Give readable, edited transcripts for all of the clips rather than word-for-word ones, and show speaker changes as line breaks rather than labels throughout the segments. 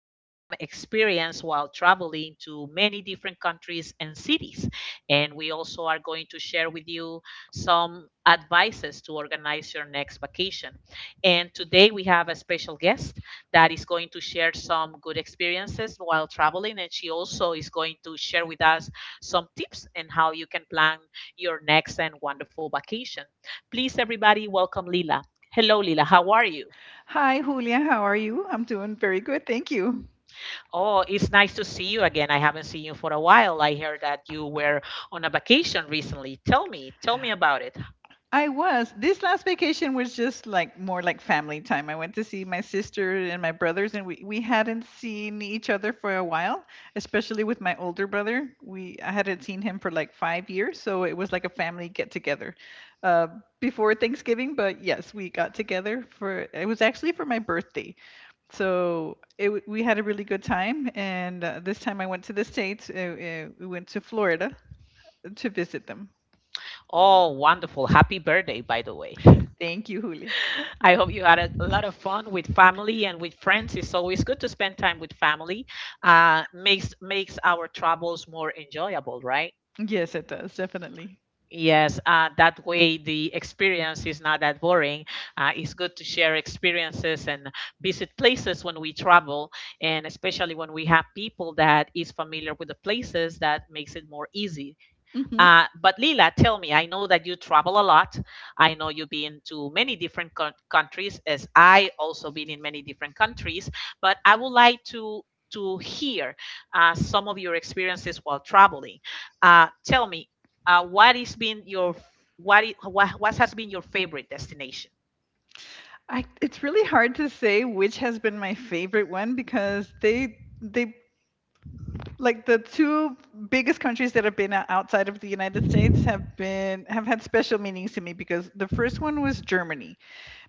some experience while traveling to many different countries and cities. And we also are going to share with you some advices to organize your next vacation. And today, we have a special guest that is going to share some good experiences while traveling. And she also is going to share with us some tips and how you can plan your next and wonderful vacation. Please, everybody, welcome Lila. Hello, Lila. How are you?
Hi, Julia. How are you? I'm doing very good. Thank you.
Oh, it's nice to see you again. I haven't seen you for a while. I heard that you were on a vacation recently. Tell me about it.
I was. This last vacation was just like more like family time. I went to see my sister and my brothers, and we hadn't seen each other for a while, especially with my older brother. We I hadn't seen him for like 5 years, so it was like a family get together uh, before Thanksgiving. But yes, we got together for it was actually for my birthday. So we had a really good time, and this time I went to the States. We went to Florida to visit them.
Oh, wonderful. Happy birthday, by the way.
Thank you, Julia.
I hope you had a lot of fun with family and with friends. It's always good to spend time with family. Uh, makes our travels more enjoyable, right?
Yes, it does, definitely.
Yes, that way the experience is not that boring. It's good to share experiences and visit places when we travel, and especially when we have people that is familiar with the places, that makes it more easy.
hmm
But Lila, tell me, I know that you travel a lot. I know you've been to many different countries, as I also been in many different countries. But I would like to hear some of your experiences while traveling. Tell me, what is been your what, I- what has been your favorite destination?
it's really hard to say which has been my favorite one because they like the two biggest countries that have been outside of the United States have been have had special meanings to me because the first one was Germany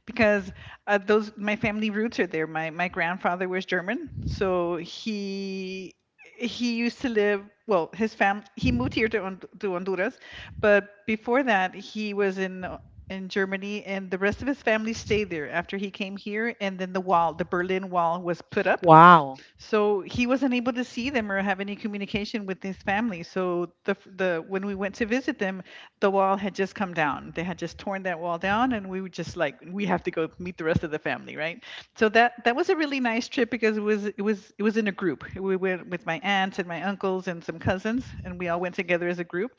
because those my family roots are there. My grandfather was German, so he used to live. Well, his fam he moved here to to Honduras, but before that he was in Germany, and the rest of his family stayed there after he came here. And then the wall, the Berlin Wall, was put up,
Wow.
so he wasn't able to see them or have any communication with his family. So the when we went to visit them, the wall had just come down. They had just torn that wall down, and we were just like, we have to go meet the rest of the family, right? So that was a really nice trip because it was it was in a group. We went with my aunts and my uncles and some cousins, and we all went together as a group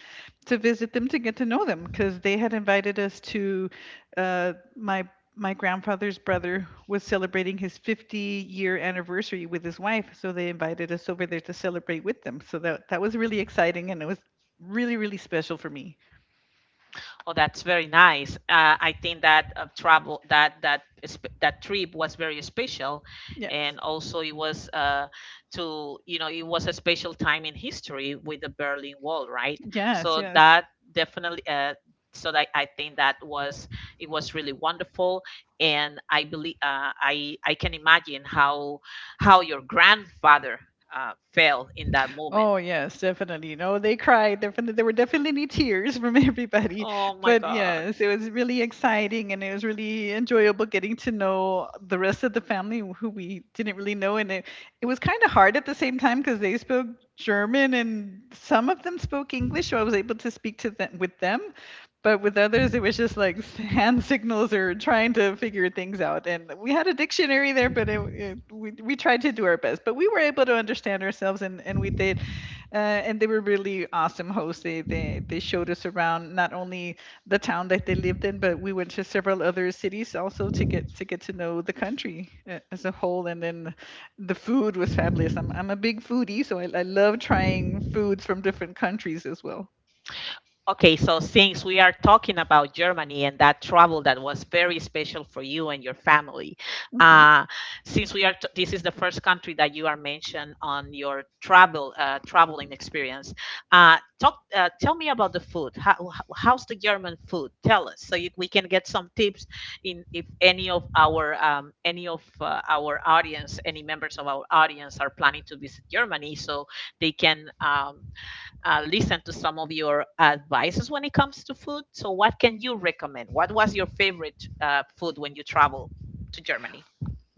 to visit them to get to know them because they had invited us to uh, my my grandfather's brother was celebrating his 50-year anniversary with his wife, so they invited us over there to celebrate with them. So that was really exciting, and it was really really special for me.
Oh, that's very nice. I think that travel that that is- that trip was very special,
Yes,
and also it was to you know it was a special time in history with the Berlin Wall, right?
yes,
So
yes.
that definitely. So that I think that was it was really wonderful, and I believe I can imagine how your grandfather felt in that moment.
Oh yes, definitely. No, they cried. Definitely, there were definitely tears from everybody.
Oh my
But
God.
yes, it was really exciting and it was really enjoyable getting to know the rest of the family who we didn't really know. And it was kind of hard at the same time because they spoke German and some of them spoke English, so I was able to speak to them with them. But with others, it was just like hand signals or trying to figure things out. And we had a dictionary there, but we tried to do our best. But we were able to understand ourselves, and we did. Uh, and they were really awesome hosts. They showed us around not only the town that they lived in, but we went to several other cities also to get to know the country as a whole. And then the food was fabulous. I'm a big foodie, so I love trying foods from different countries as well.
Okay, so since we are talking about Germany and that travel that was very special for you and your family,
Mhm.
uh, since we are t- this is the first country that you are mentioned on your travel traveling experience, talk tell me about the food. How's the German food? Tell us so you, we can get some tips in if any of our any of our audience, any members of our audience are planning to visit Germany, so they can. Listen to some of your advices when it comes to food. So, what can you recommend? What was your favorite food when you travel to Germany?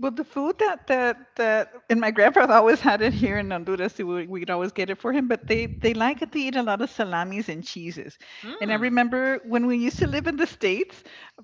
Well, the food that and my grandfather always had it here in Honduras. We'd always get it for him, but they like to eat a lot of salamis and cheeses. And I
Mm,
remember when we used to live in the States,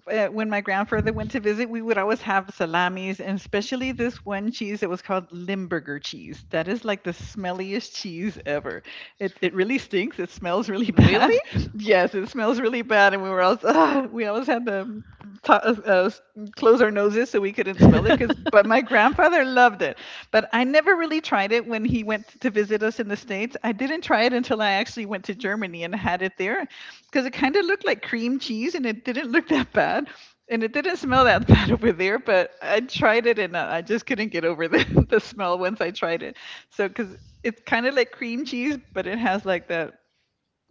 when my grandfather went to visit, we would always have salamis, and especially this one cheese that was called Limburger cheese. That is like the smelliest cheese ever. It really stinks. It smells really
really?
bad. Yes, it smells really bad, and we were always we always had to- uh, close our noses so we couldn't smell it. Cause, but my grandfather loved it. But I never really tried it when he went to visit us in the States. I didn't try it until I actually went to Germany and had it there because it kind of looked like cream cheese and it didn't look that bad. And it didn't smell that bad over there, but I tried it and I just couldn't get over the smell once I tried it. So, because it's kind of like cream cheese, but it has like that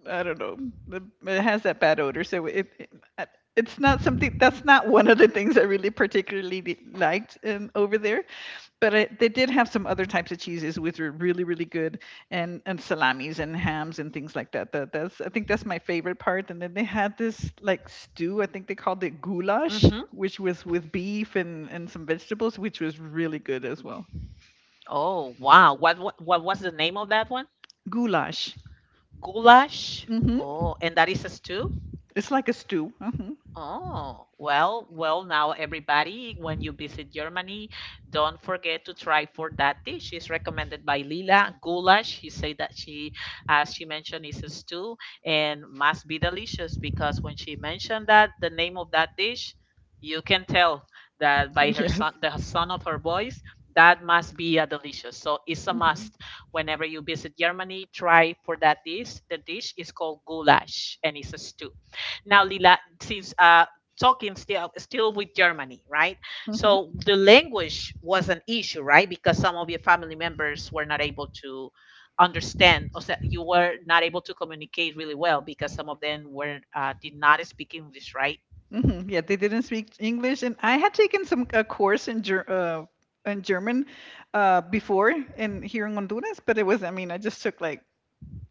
I don't know. the- It has that bad odor, so it's not something. That's not one of the things I really particularly liked over there. But they did have some other types of cheeses which were really really good, and salamis and hams and things like that. That that's I think that's my favorite part. And then they had this like stew. I think they called it goulash,
Mm-hmm.
which was with beef and some vegetables, which was really good as well.
Oh, wow. What what was the name of that one?
Goulash.
Goulash.
Hmm
Oh, and that is a stew?
It's like a stew. Hmm
Oh, well, well, now everybody, when you visit Germany, don't forget to try for that dish. It's recommended by Lila, goulash. She said that she, as she mentioned, is a stew and must be delicious because when she mentioned that, the name of that dish, you can tell that by her
Yes.
son, the son of her voice, that must be a delicious. So it's a
hmm
must. Whenever you visit Germany, try for that dish. The dish is called goulash and it's a stew. Now, Lila, since talking still with Germany, right? So
hmm
the language was an issue, right? Because some of your family members were not able to understand, or you were not able to communicate really well because some of them were did not speak English, right?
hmm Yeah, they didn't speak English, and I had taken some a course in in German before in here in Honduras, but it was I mean I just took like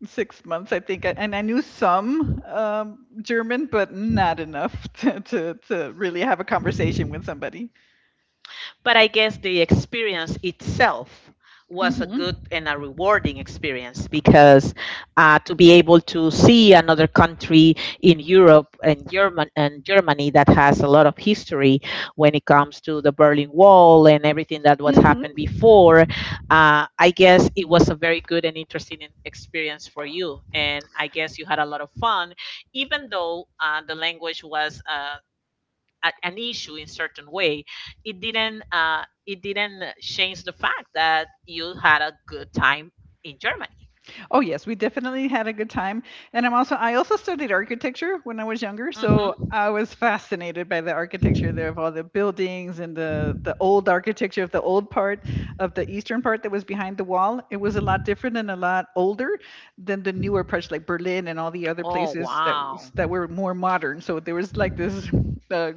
6 months I think, and I knew some German, but not enough to really have a conversation with somebody.
But I guess the experience itself was a
Hmm
good and a rewarding experience because to be able to see another country in Europe and Germany that has a lot of history when it comes to the Berlin Wall and everything that what
hmm
happened before, I guess it was a very good and interesting experience for you. And I guess you had a lot of fun, even though the language was. An issue in certain way it didn't change the fact that you had a good time in germany.
Oh yes, we definitely had a good time. And I also studied architecture when I was younger, so
Hmm.
I was fascinated by the architecture there of all the buildings and the old architecture of the old part of the eastern part that was behind the wall. It was a lot different and a lot older than the newer parts like Berlin and all the other
Oh
places
wow.
that were more modern. So there was like this uh,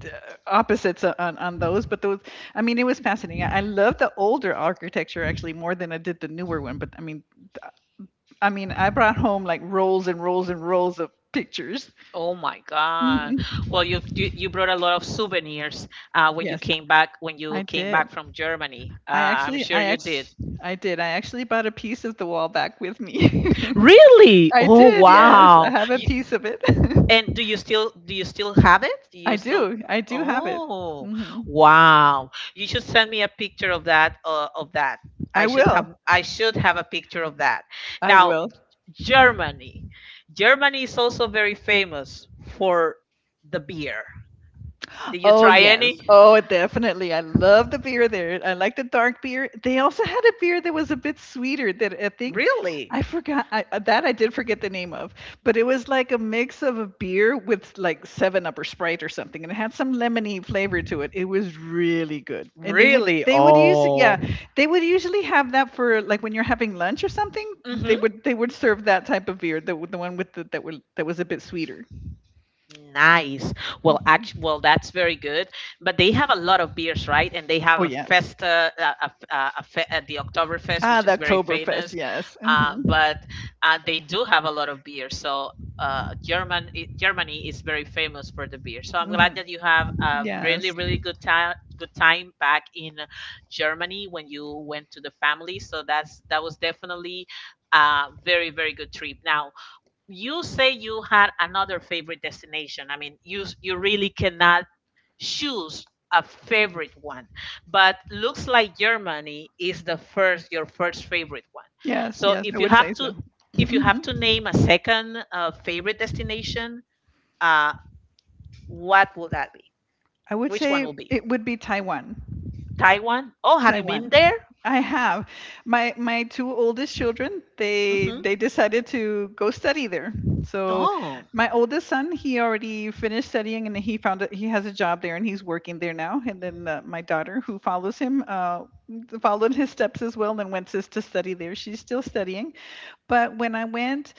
d- opposites on those but those it was fascinating. I love the older architecture actually more than I did the newer one, but I mean, I brought home like rolls and rolls and rolls of pictures.
Oh my God.
Mhm.
Well, you, you brought a lot of souvenirs
Yes,
when you
I
came back
did.
from germany,
I
I'm
actually,
sure
I
you did.
actually, I actually bought a piece of the wall back with me.
Really.
I
Oh
did. Yes, I
wow.
have a piece of it.
And do you still have it? Do
I
you still?
do. I do have it.
Oh,
Hmm
wow! You should send me a picture of that. Of that,
I will.
I should have a picture of that.
I
Now,
will.
Germany, Germany is also very famous for the beer. Did you
Oh
try
yes.
any?
Oh, definitely. I love the beer there. I like the dark beer. They also had a beer that was a bit sweeter that I think
Really,
I forgot I, that I did forget the name of, but it was like a mix of a beer with like Seven Up or Sprite or something, and it had some lemony flavor to it. It was really good, and
really?
they would use yeah,
Oh.
they would usually have that for like when you're having lunch or something.
Mhm.
They would serve that type of beer, the one with the, that were that was a bit sweeter.
Nice. Well,
Hmm
actually, well, that's very good. But they have a lot of beers, right? And they have
Oh
a
yes.
festa, a, f- a fe- the Oktoberfest,
Ah,
which
the
is very
Oktoberfest,
famous.
yes.
Uh,
Mhm.
but uh, they do have a lot of beer. So Germany is very famous for the beer. So I'm glad
Mhm.
that you have a really,
Yes.
really good time back in Germany when you went to the family. So that's that was definitely a very, very good trip. Now you say you had another favorite destination. I mean, you really cannot choose a favorite one, but looks like Germany is the first your first favorite one.
Yes,
So
yes, I
if you
would
have
say
to
so.
if you have to
Mhm.
name a second favorite destination, uh, what will that be?
I would
Which one
say
will be
it would be Taiwan.
Taiwan? Oh, have you been
Taiwan.
there?
I have. My two oldest children,
Mm-hmm.
they decided to go study there. So
Oh.
my oldest son, he already finished studying and he found that he has a job there and he's working there now. And then my daughter, who follows him, followed his steps as well and went to study there. She's still studying. But when I went,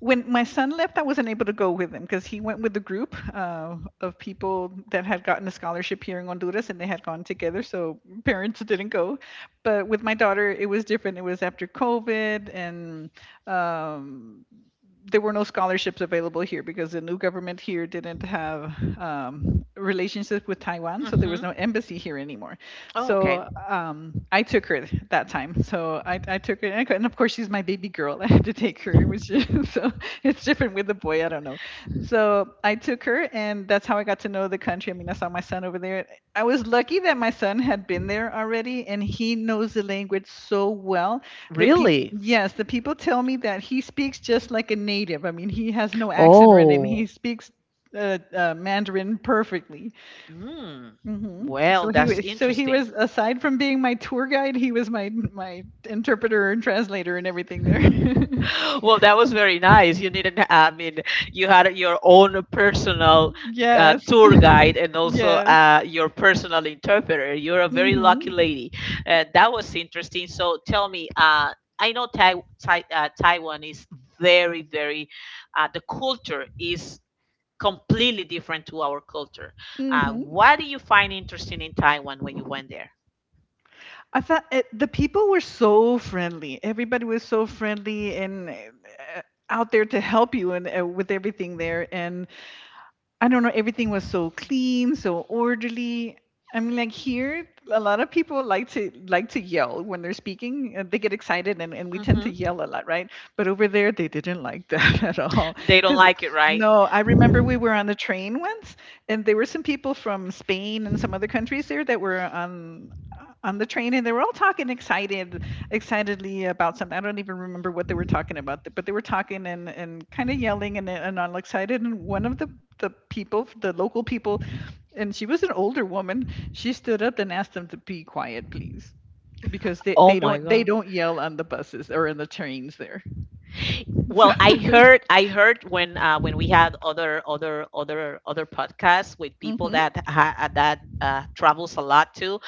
when my son left, I wasn't able to go with him because he went with a group of people that had gotten a scholarship here in Honduras and they had gone together. So parents didn't go. But with my daughter, it was different. It was after COVID and um, there were no scholarships available here because the new government here didn't have relationship with Taiwan. So there was
Mm-hmm.
no embassy here anymore.
Oh, okay.
So I took her that time. So I took her, and, and of course she's my baby girl. I had to take her, which is, so it's different with the boy. I don't know. So I took her, and that's how I got to know the country. I mean, I saw my son over there. I was lucky that my son had been there already, and he knows the language so well that people.
Really?
Yes, the people tell me that he speaks just like a native. I mean, he has no accent or anything. He
Oh.
speaks Mandarin perfectly.
Mm.
Mhm.
Well, that's
So he
interesting.
was aside from being my tour guide, he was my interpreter and translator and everything there.
Well, that was very nice. You didn't, I mean, you had your own personal
Yes.
tour guide and also
Yes.
your personal interpreter. You're a very lucky
Mhm.
lady. That was interesting. So tell me, I know Tai Tai Taiwan is very, very, the culture is completely different to our culture.
Mhm.
What do you find interesting in Taiwan when you went there?
I thought the people were so friendly. Everybody was so friendly and out there to help you and with everything there. And I don't know, everything was so clean, so orderly. I mean, like here, a lot of people like to yell when they're speaking. They get excited, and we tend
Hmm.
to yell a lot, right? But over there, they didn't like that at all.
They don't
Because
like it, right?
no, I remember we were on the train once, and there were some people from Spain and some other countries there that were on the train and they were all talking excited excitedly about something. I don't even remember what they were talking about, but they were talking and kind of yelling and all excited. And one of the people the local people, and she was an older woman, she stood up and asked them to be quiet, please, because they,
Oh
they
my.
don't they don't yell on the buses or in the trains there. So.
Well, I heard when we had other podcasts with people
hmm
that that travels a lot too,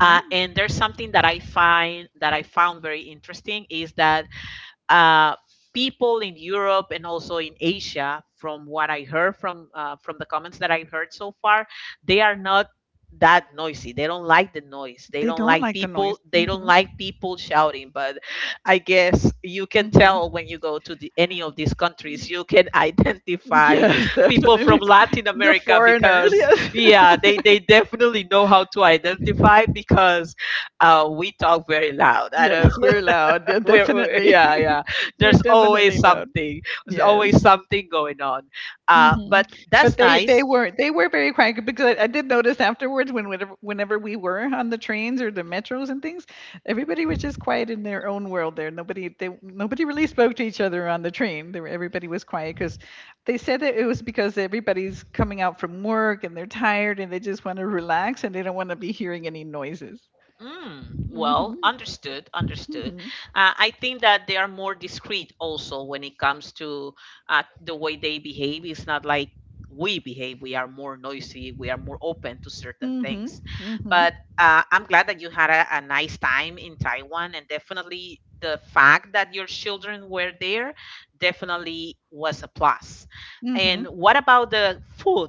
and there's something that I find that I found very interesting is that uh, people in Europe and also in Asia, from what I heard from the comments that I have heard so far, they are not that noisy. They don't like the noise.
They don't like the noise.
They don't
Hmm
like people shouting. But I guess you can
hmm
tell when you go to the, any of these countries, you can identify
Yes,
people from
definitely.
Latin
The
America
foreigners,
because
yes.
yeah, they definitely know how to identify because we talk very loud. I don't
Yes,
know.
we're loud. Yeah,
we're, we
definitely.
yeah yeah,
We're
there's always
definitely loud.
something there's
Yes.
always something going on.
hmm
But
But
that's
they they
nice.
were they were very quiet, because I did notice afterwards, when whenever we were on the trains or the metros and things, everybody was just quiet in their own world there. Nobody really spoke to each other on the train. Everybody was quiet because they said that it was because everybody's coming out from work and they're tired and they just want to relax and they don't want to be hearing any noises.
Mm,
Mhm.
well, understood.
Mhm.
I think that they are more discreet also when it comes to the way they behave. It's not like we behave. We are more noisy. We are more open to certain
Mhm.
things.
Mhm.
But I'm glad that you had a nice time in Taiwan, and definitely the fact that your children were there definitely was a plus. And
Mhm.
what about the food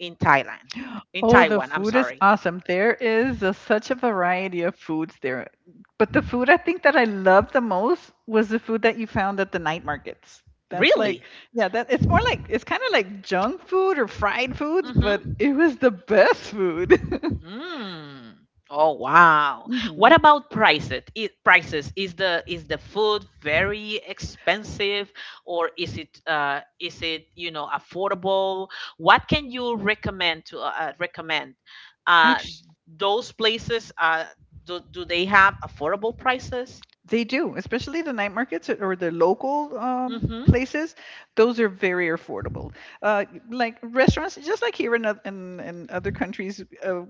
in Thailand? In
Oh, the
Taiwan, I'm
food is
sorry.
awesome. There is a such a variety of foods there. But the food, I think that I loved the most was the food that you found at the night markets. That's like,
Really?
yeah, that it's more like, it's kind of like junk food or fried foods, but
Hmm.
it was the best food.
Mm. Oh wow.
hmm
What about prices? Prices is the food very expensive or is it is it, you know, affordable? What can you recommend to recommend? Uh
Actually,
those places, do, do they have affordable prices?
they do, especially the night markets or the local
Mm-hmm.
places. Those are very affordable. Uh, like restaurants, just like here in, in other countries,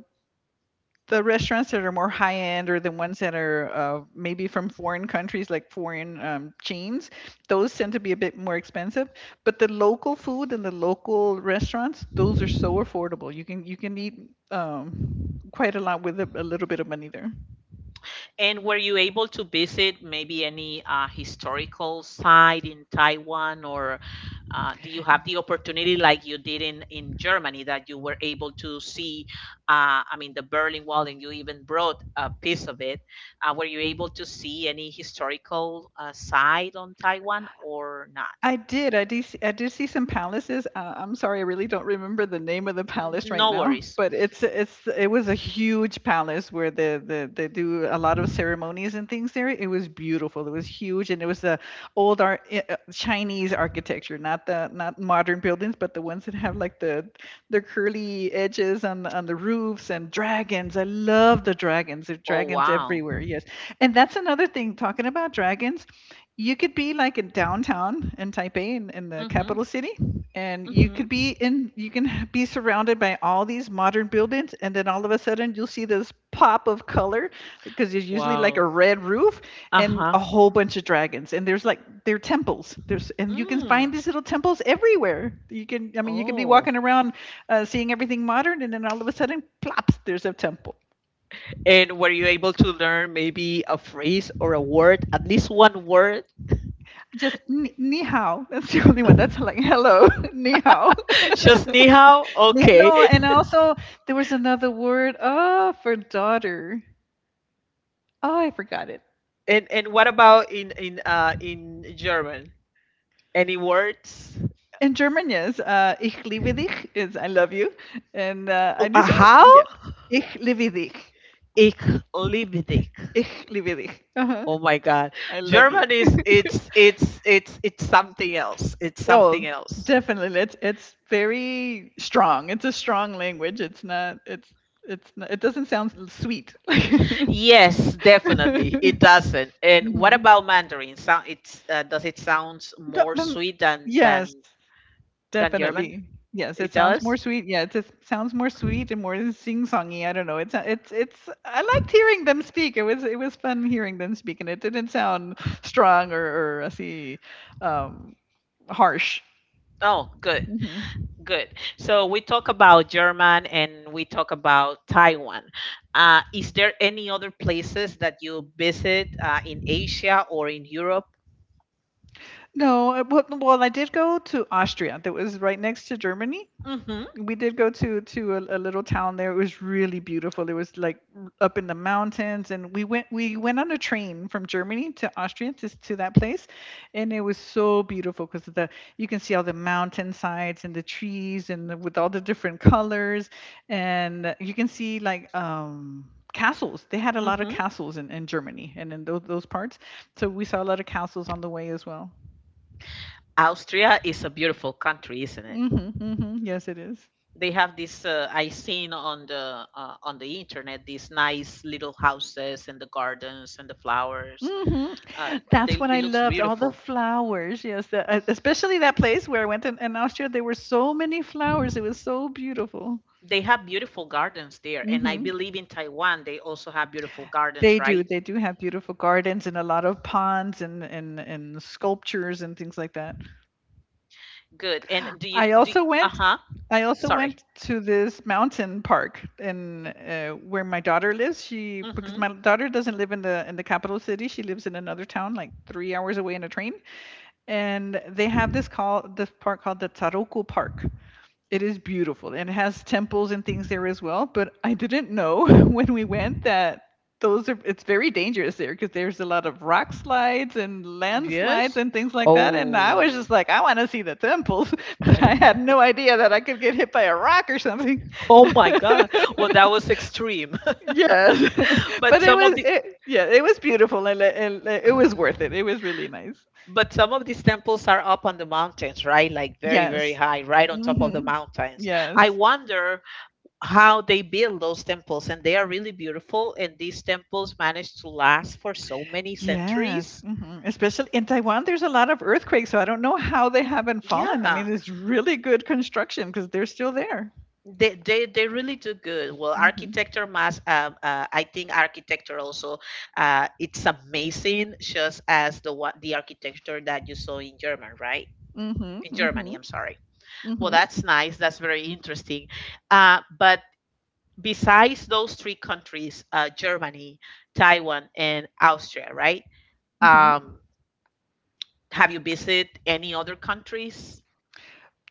the restaurants that are more high end, or the ones that are maybe from foreign countries, like foreign chains, those tend to be a bit more expensive. But the local food and the local restaurants, those are so affordable, you can eat quite a lot with a little bit of money there.
And were you able to visit maybe any historical site in Taiwan? Or do you have the opportunity, like you did in Germany, that you were able to see? I mean, the Berlin Wall, and you even brought a piece of it. Were you able to see any historical side on Taiwan or not?
I did see some palaces. I'm sorry, I really don't remember the name of the palace right
No
now,
worries.
but it was a huge palace where they do a lot of ceremonies and things there. It was beautiful, it was huge, and it was the Chinese architecture, not the not modern buildings, but the ones that have, like, the curly edges on the roofs, and dragons. I love the dragons, there are
Oh,
dragons
wow.
everywhere, yes. And that's another thing, talking about dragons, you could be like in downtown in Taipei, in the
Mm-hmm.
capital city, and
Mm-hmm.
you can be surrounded by all these modern buildings, and then all of a sudden you'll see this pop of color, because there's usually like a
Wow.
red roof and
Uh-huh.
a whole bunch of dragons, and there's like, they're temples. There's and You can find
Mm.
these little temples everywhere. You can, I mean, you can be
Oh.
walking around, seeing everything modern, and then all of a sudden, plops, there's a temple.
And were you able to learn maybe a phrase or a word, at least one word?
Just ni, ni hao. That's the only one. That's like hello. Ni hao.
Just ni hao? Okay.
No, and also there was another word, oh, for daughter. Oh, I forgot it.
And what about in German? Any words?
In German, yes, ich liebe dich is I love you, and I
Oh,
knew
uh,
that.
how?
Yeah, ich liebe dich.
Ich liebe dich.
Ich liebe dich. Uh-huh.
Oh my God,
I love you.
German is it's something else. It's something
Oh,
else.
definitely. It's very strong. It's a strong language. It's not. It's not, it doesn't sound sweet.
Yes, definitely, it doesn't. And what
Mhm.
about Mandarin? Sound it's does it sound
The
more
mm
sweet than
Yes,
than German?
definitely. Yes,
It
it sounds more
does.
sweet. Yeah, it just sounds more sweet and more sing-songy. I don't know. It's I liked hearing them speak. It was fun hearing them speak, and it didn't sound strong, or I see um harsh.
Oh, good.
Hmm
Good. So we talk about German and we talk about Taiwan. Is there any other places that you visit in Asia or in Europe?
No, well, well, I did go to Austria. That was right next to Germany.
Hmm.
We did go to a little town there. It was really beautiful. It was like up in the mountains, and we went on a train from Germany to Austria to that place, and it was so beautiful, because the you can see all the mountainsides and the trees and the, with all the different colors. And you can see like castles. They had a lot of
Hmm.
castles in Germany and in those parts, so we saw a lot of castles on the way as well.
Austria is a beautiful country, isn't it?
Mhm, mhm. Yes, it is.
They have this. I seen on the internet these nice little houses and the gardens and the flowers.
Hmm That's
They,
what I
it looks
loved, all the
beautiful.
flowers. Yes, the, especially that place where I went in Austria. There were so many flowers. It was so beautiful.
They have beautiful gardens there, and I
Hmm
believe in Taiwan they also have beautiful
They
gardens,
do.
right?
They do have beautiful gardens and a lot of ponds and sculptures and things like that.
Good. And do you
I
do?
also
Uh
went.
huh.
I also
Sorry.
went to this mountain park in where my daughter lives. She because
Mm-hmm.
my daughter doesn't live in the capital city. She lives in another town, like 3 hours away in a train. And they have this call this park called the Taroku Park. It is beautiful, and it has temples and things there as well. But I didn't know when we went that those are it's very dangerous there because there's a lot of rock slides and landslides
Yes.
and things like that. And I was just
Oh.
like, I want to see the temples, but I had no idea that I could get hit by a rock or something.
Oh my God. Well, that was extreme.
Yes. But
But some of the
yeah, it was beautiful, and and it was worth it. It was really nice.
but some of these temples are up on the mountains, right? Like very, very
Yes.
high, right on top of the
hmm
mountains. I
Yes.
wonder how they build those temples, and they are really beautiful. And these temples manage to last for so many
Yes.
centuries.
hmm Especially in Taiwan, there's a lot of earthquakes, so I don't know how they haven't fallen. I mean,
Yeah.
it's really good construction, because they're still there.
They really do good. Well,
Mm-hmm.
architecture mass I think architecture also it's amazing just as the architecture that you saw in German, right?
Mm-hmm.
In Germany,
Mm-hmm.
I'm sorry. Well,
Mm-hmm.
that's nice. That's very interesting. But besides those three countries, Germany, Taiwan, and Austria, right?
Mm-hmm.
Um, have you visited any other countries?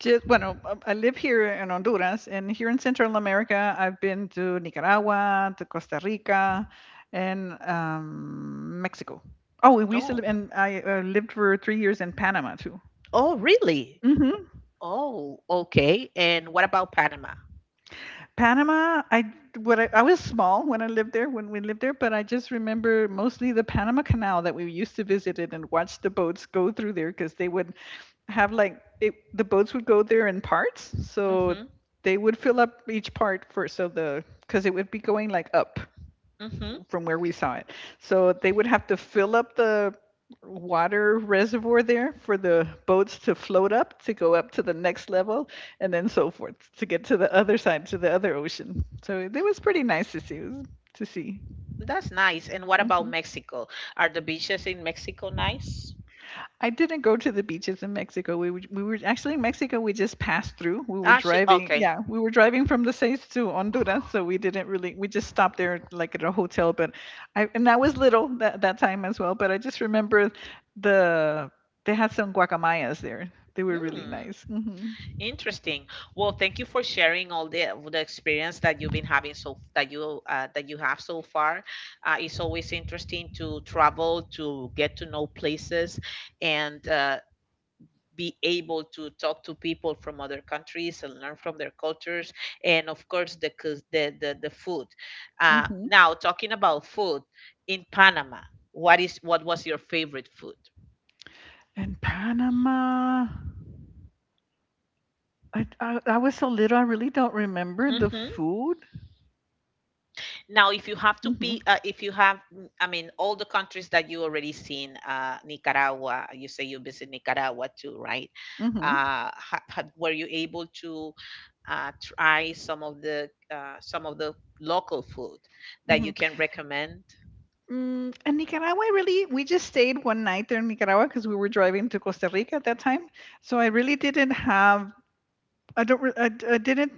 Just, bueno, I live here in Honduras, and here in Central America, I've been to Nicaragua, to Costa Rica, and Mexico. Oh, and we used to
Oh.
live, and I lived for 3 years in Panama too.
Oh, really?
Mm-hmm.
Oh, okay. And what about Panama?
Panama, I what I was small when I lived there, when we lived there, but I just remember mostly the Panama Canal, that we used to visit it and watch the boats go through there, because they would the boats would go there in parts. So
Mm-hmm.
they would fill up each part, for so the because it would be going like up
Mm-hmm.
from where we saw it. So they would have to fill up the water reservoir there for the boats to float up to go up to the next level, and then so forth to get to the other side, to the other ocean. So it was pretty nice to see.
That's nice. And what about
Mhm.
Mexico? Are the beaches in Mexico nice?
I didn't go to the beaches in Mexico. We were actually in Mexico. We just passed through. We were
Ah, sh
driving.
Okay.
Yeah, we were driving from the states to Honduras, so we didn't really. We just stopped there, like at a hotel. But I was little that that time as well. But I just remember the they had some guacamayas there. They were really
Hmm,
nice. Hmm
interesting. Well, thank you for sharing all the experience that you've been having so that you have so far. It's always interesting to travel to get to know places, and be able to talk to people from other countries and learn from their cultures and of course the cus- the food.
hmm
Now talking about food in Panama, what was your favorite food?
And Panama, I was so little. I really don't remember the
Mm-hmm.
food.
Now, if you have to
Hmm
be, if you have, I mean, all the countries that you already seen, Nicaragua, you say you visit Nicaragua too, right?
hmm
Were you able to try some of the some of the local food that you
hmm
can recommend?
Mm, and Nicaragua, we just stayed one night there in Nicaragua, because we were driving to Costa Rica at that time. So I really didn't have, I don't, re- I, d- I didn't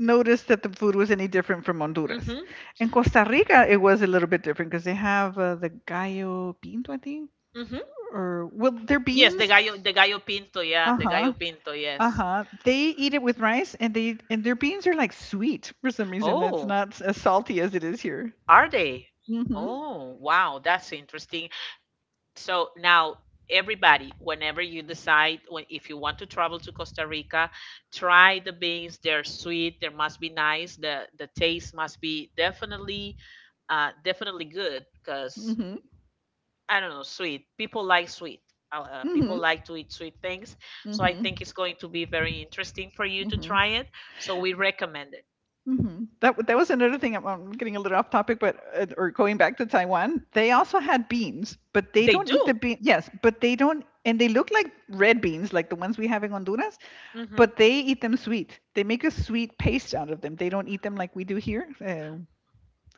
notice that the food was any different from Honduras.
Mm-hmm.
In Costa Rica, it was a little bit different, because they have the gallo pinto, I think,
Mm-hmm.
or well, their
Yes,
beans.
the gallo pinto, yeah,
Uh
the gallo
huh.
pinto,
Uh
yes.
huh. They eat it with rice, and they and their beans are like sweet for some reason. It's
Oh,
not as salty as it is here.
are they?
Mm hmm.
Oh, wow, that's interesting. So now everybody, whenever you decide when if you want to travel to Costa Rica, try the beans. They're sweet. They must be nice. The taste must be definitely definitely good
Mm
because
hmm.
I don't know, sweet. People like sweet. People
Mm
like to eat sweet things,
hmm.
so I think
Mm
it's going to be very interesting for you to
hmm.
try it. So we recommend it.
Mhm. That was another thing. I'm getting a little off topic, but or going back to Taiwan, they also had beans, but they
They
don't eat the
do.
bean. Yes, but they don't, and they look like red beans, like the ones we have in Honduras,
hmm
but they eat them sweet. They make a sweet paste out of them. They don't eat them like we do here,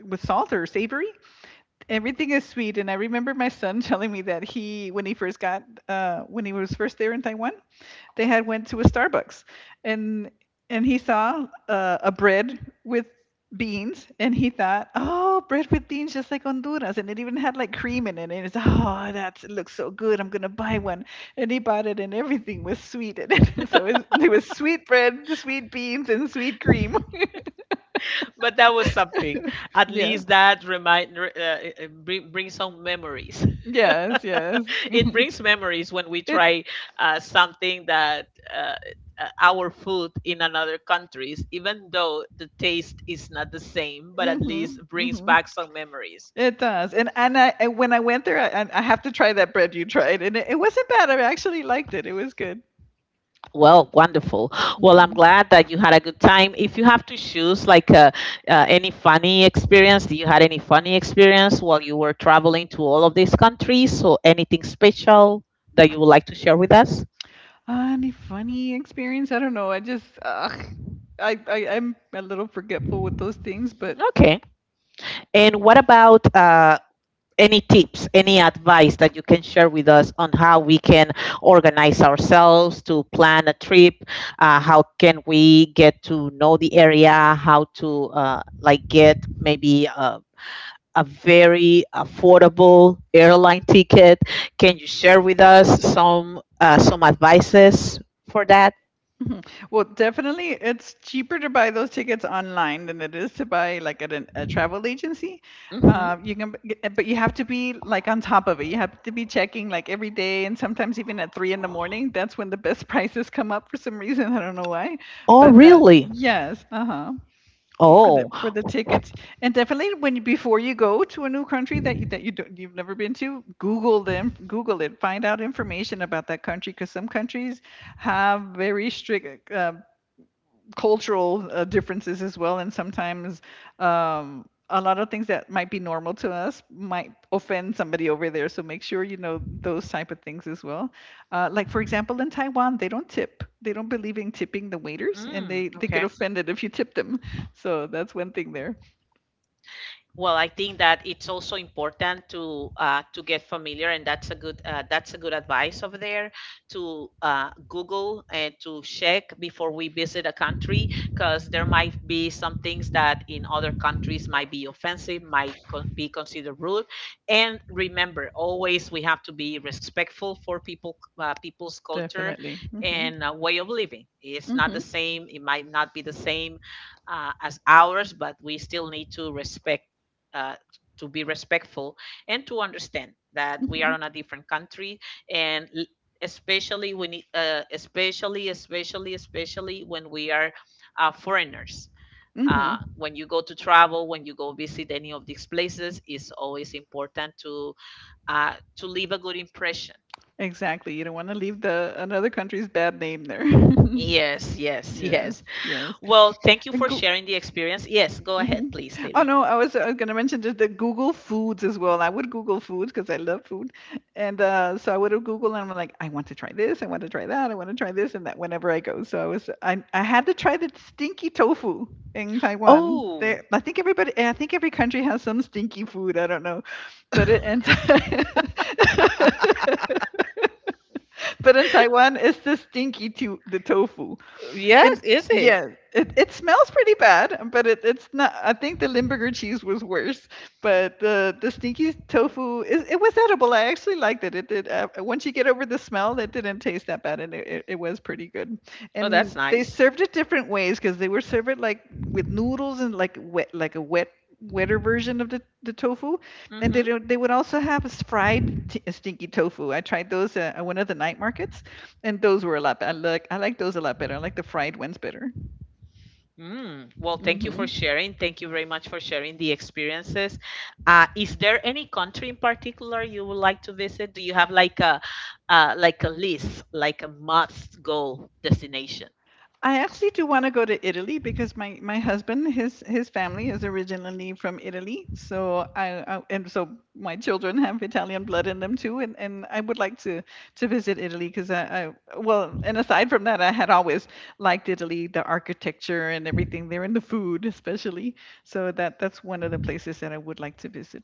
with salt or savory. Everything is sweet, and I remember my son telling me that he, when he first got, when he was first there in Taiwan, they had went to a Starbucks, and and he saw a bread with beans, and he thought, oh, bread with beans, just like Honduras, and it even had like cream in it, and it's oh, that looks so good, I'm gonna buy one, and he bought it, and everything was sweet in it, so it was sweet bread, sweet beans, and sweet cream.
but that was something. At
Yeah,
least that it- bring some memories.
yes, yes.
It brings memories when we
It
try something that uh, our food in another countries, even though the taste is not the same, but at least
Mm-hmm,
brings
mm-hmm.
back some memories.
It does, and I and when I went there, I have to try that bread you tried, and it wasn't bad. I actually liked it. It was good.
Well, wonderful. Well, I'm
Mhm.
glad that you had a good time. If you have to choose, any funny experience, do you had any funny experience while you were traveling to all of these countries? So, anything special that you would like to share with us?
Any funny experience? I don't know. I just, I'm a little forgetful with those things, but
Okay. And what about any tips, any advice that you can share with us on how we can organize ourselves to plan a trip? How can we get to know the area? How to Like get maybe a very affordable airline ticket. Can you share with us some advices for that?
mhm. Well, definitely it's cheaper to buy those tickets online than it is to buy like at a travel agency.
Hmm
You can, b- get- but you have to be like on top of it. You have to be checking like every day, and sometimes even at 3 in the morning. That's when the best prices come up for some reason. I don't know why,
Oh,
but that,
really?
yes, uh huh. for
Oh,
the for the tickets, and definitely when you, before you go to a new country that you don't, you've never been to, google it, find out information about that country because some countries have very strict cultural differences as well, and sometimes a lot of things that might be normal to us might offend somebody over there. So make sure you know those type of things as well. Like for example, in Taiwan, they don't tip. They don't believe in tipping the waiters, and
mm,
they get
okay.
offended if you tip them. So that's one thing there,
Well, I think that it's also important to get familiar, and that's a good advice over there to Google and to check before we visit a country, because there might be some things that in other countries might be offensive, might be considered rude. And remember, always we have to be respectful for people's culture
definitely. Hmm.
and way of living. It's not
Hmm.
the same. It might not be the same as ours, but we still need to respect uh, to be respectful and to understand that we
Hmm.
are on a different country and l- especially when it- especially especially especially when we are foreigners. uh,
Hmm.
when you go to travel when you go visit any of these places, it's always important to leave a good impression.
Exactly. You don't want to leave the another country's bad name there.
Yes, yes.
Yes,
Yes,
yes.
well, thank you
And
for
go,
sharing the experience. Yes, go ahead
mhm.
please,
Oh,
Lila.
no, I was gonna mention just the Google foods as well. I would Google Foods because I love food. And so I would have Google, and I'm like, "I want to try this, I want to try that, I wanna try this and that," whenever I go. So I was I had to try the stinky tofu in Taiwan.
Oh.
They I think everybody I think every country has some stinky food, I don't know. But it in but in Taiwan, it's the stinky to the tofu. And
Yes, is it?
yeah, it smells pretty bad, but it's not. I think the Limburger cheese was worse, but the stinky tofu is it was edible. I actually liked it. It did. Once you get over the smell, it didn't taste that bad, and it was pretty good.
Oh, that's
And they
nice.
served it different ways because they were served it like with noodles and like wet, like a wetter version of the tofu, and they,
Hmm
don't- they would also have a fried stinky tofu. I tried those at one of the night markets, and those were a lot better. I like those a lot better. I like the fried ones better.
Mm, well, thank you for
Hmm.
sharing. Thank you very much for sharing the experiences. Is there any country in particular you would like to visit? Do you have like a list, like a must go destination?
I actually do want to go to Italy because my husband, his family is originally from Italy. So I and so my children have Italian blood in them too. And I would like to visit Italy because I well, and aside from that, I had always liked Italy, the architecture and everything there, and the food especially. So that's one of the places that I would like to visit.